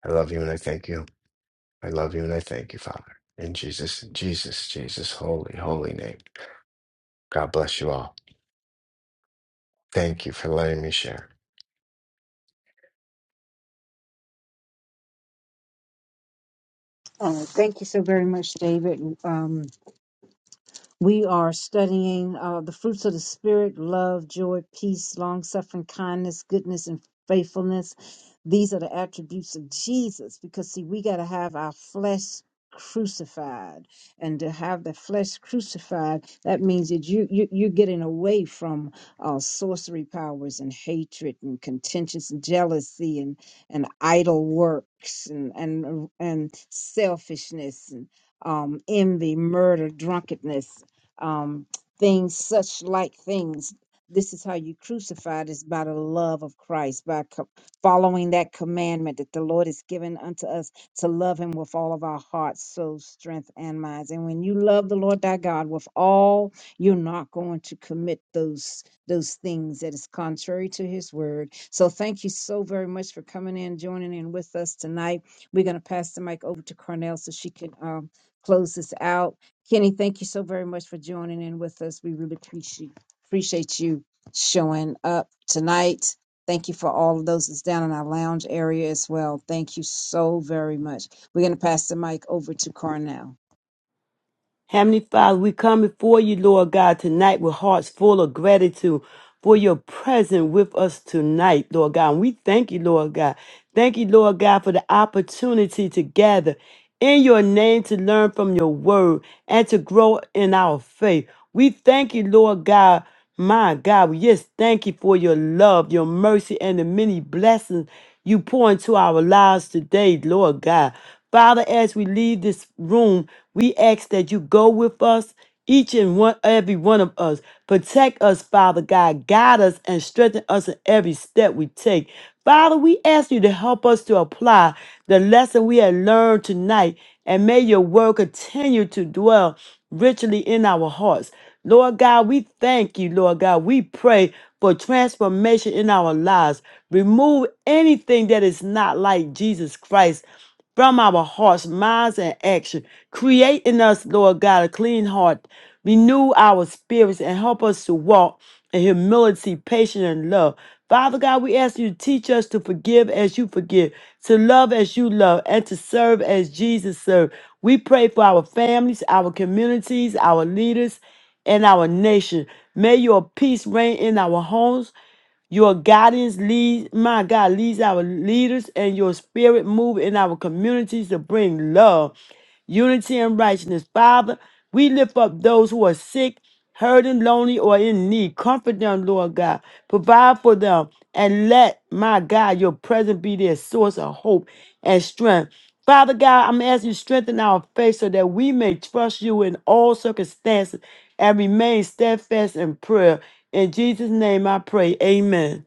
I love you and I thank you. I love you and I thank you, Father. In Jesus, Jesus, Jesus, holy, holy name. God bless you all. Thank you for letting me share.
Oh, thank you so very much, David. Um, We are studying uh, the fruits of the Spirit love, joy, peace, long suffering, kindness, goodness, and faithfulness. These are the attributes of Jesus because, see, we got to have our flesh crucified and to have the flesh crucified that means that you, you you're getting away from uh sorcery powers and hatred and contentious jealousy and and idle works and and and selfishness and um envy murder drunkenness um, things such like things. This is how you crucified is by the love of Christ, by co- following that commandment that the Lord has given unto us to love Him with all of our hearts, souls, strength, and minds. And when you love the Lord thy God with all, you're not going to commit those those things that is contrary to His word. So thank you so very much for coming in, joining in with us tonight. We're going to pass the mic over to Cornell so she can um, close this out. Kenny, thank you so very much for joining in with us. We really appreciate appreciate you showing up tonight. Thank you for all of those that's down in our lounge area as well. Thank you so very much. We're going to pass the mic over to Carnell.
Heavenly Father, we come before you, Lord God, tonight with hearts full of gratitude for your presence with us tonight, Lord God. And we thank you, Lord God. Thank you, Lord God, for the opportunity to gather in your name to learn from your word and to grow in our faith. We thank you, Lord God. My God, we just thank you for your love, your mercy, and the many blessings you pour into our lives today, Lord God. Father, as we leave this room, we ask that you go with us, each and one, every one of us. Protect us, Father God. Guide us and strengthen us in every step we take. Father, we ask you to help us to apply the lesson we have learned tonight, and may your word continue to dwell richly in our hearts. Lord God, we thank you, Lord God. We pray for transformation in our lives. Remove anything that is not like Jesus Christ from our hearts, minds, and action. Create in us, Lord God, a clean heart. Renew our spirits and help us to walk in humility, patience, and love. Father God, we ask you to teach us to forgive as you forgive, to love as you love, and to serve as Jesus served. We pray for our families, our communities, our leaders, and our nation. May your peace reign in our homes. Your guidance leads, my God, leads our leaders, and your spirit move in our communities to bring love, unity, and righteousness. Father, we lift up those who are sick, hurting, lonely, or in need. Comfort them, Lord God. Provide for them, and let, my God, your presence be their source of hope and strength. Father God, I'm asking you to strengthen our faith so that we may trust you in all circumstances and remain steadfast in prayer. In Jesus' name I pray. Amen.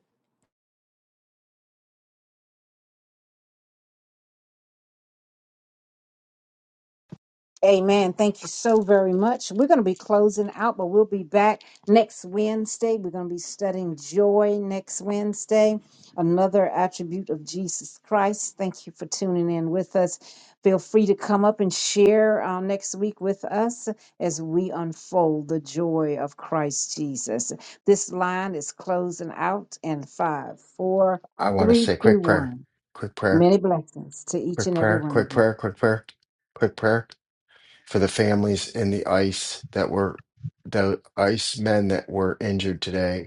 Amen. Thank you so very much. We're going to be closing out, but we'll be back next Wednesday. We're going to be studying joy next Wednesday, another attribute of Jesus Christ. Thank you for tuning in with us. Feel free to come up and share uh, next week with us as we unfold the joy of Christ Jesus. This line is closing out in five, four,
I want to
three,
say
two,
quick prayer,
one.
quick prayer,
Many blessings to each
quick
and every
prayer,
one
quick
of you.
prayer, quick prayer, quick prayer for the families in the ice that were the ice men that were injured today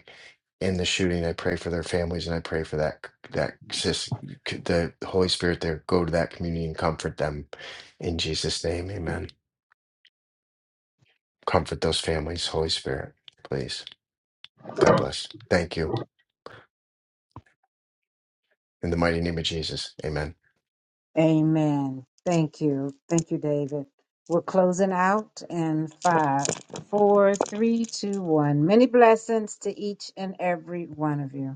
in the shooting. I pray for their families and I pray for that that sis, the Holy Spirit there go to that community and comfort them in Jesus name. Amen. Comfort those families, Holy Spirit, please. God bless. Thank you. In the mighty name of Jesus. Amen.
Amen. Thank you. Thank you, David. We're closing out in five, four, three, two, one. Many blessings to each and every one of you.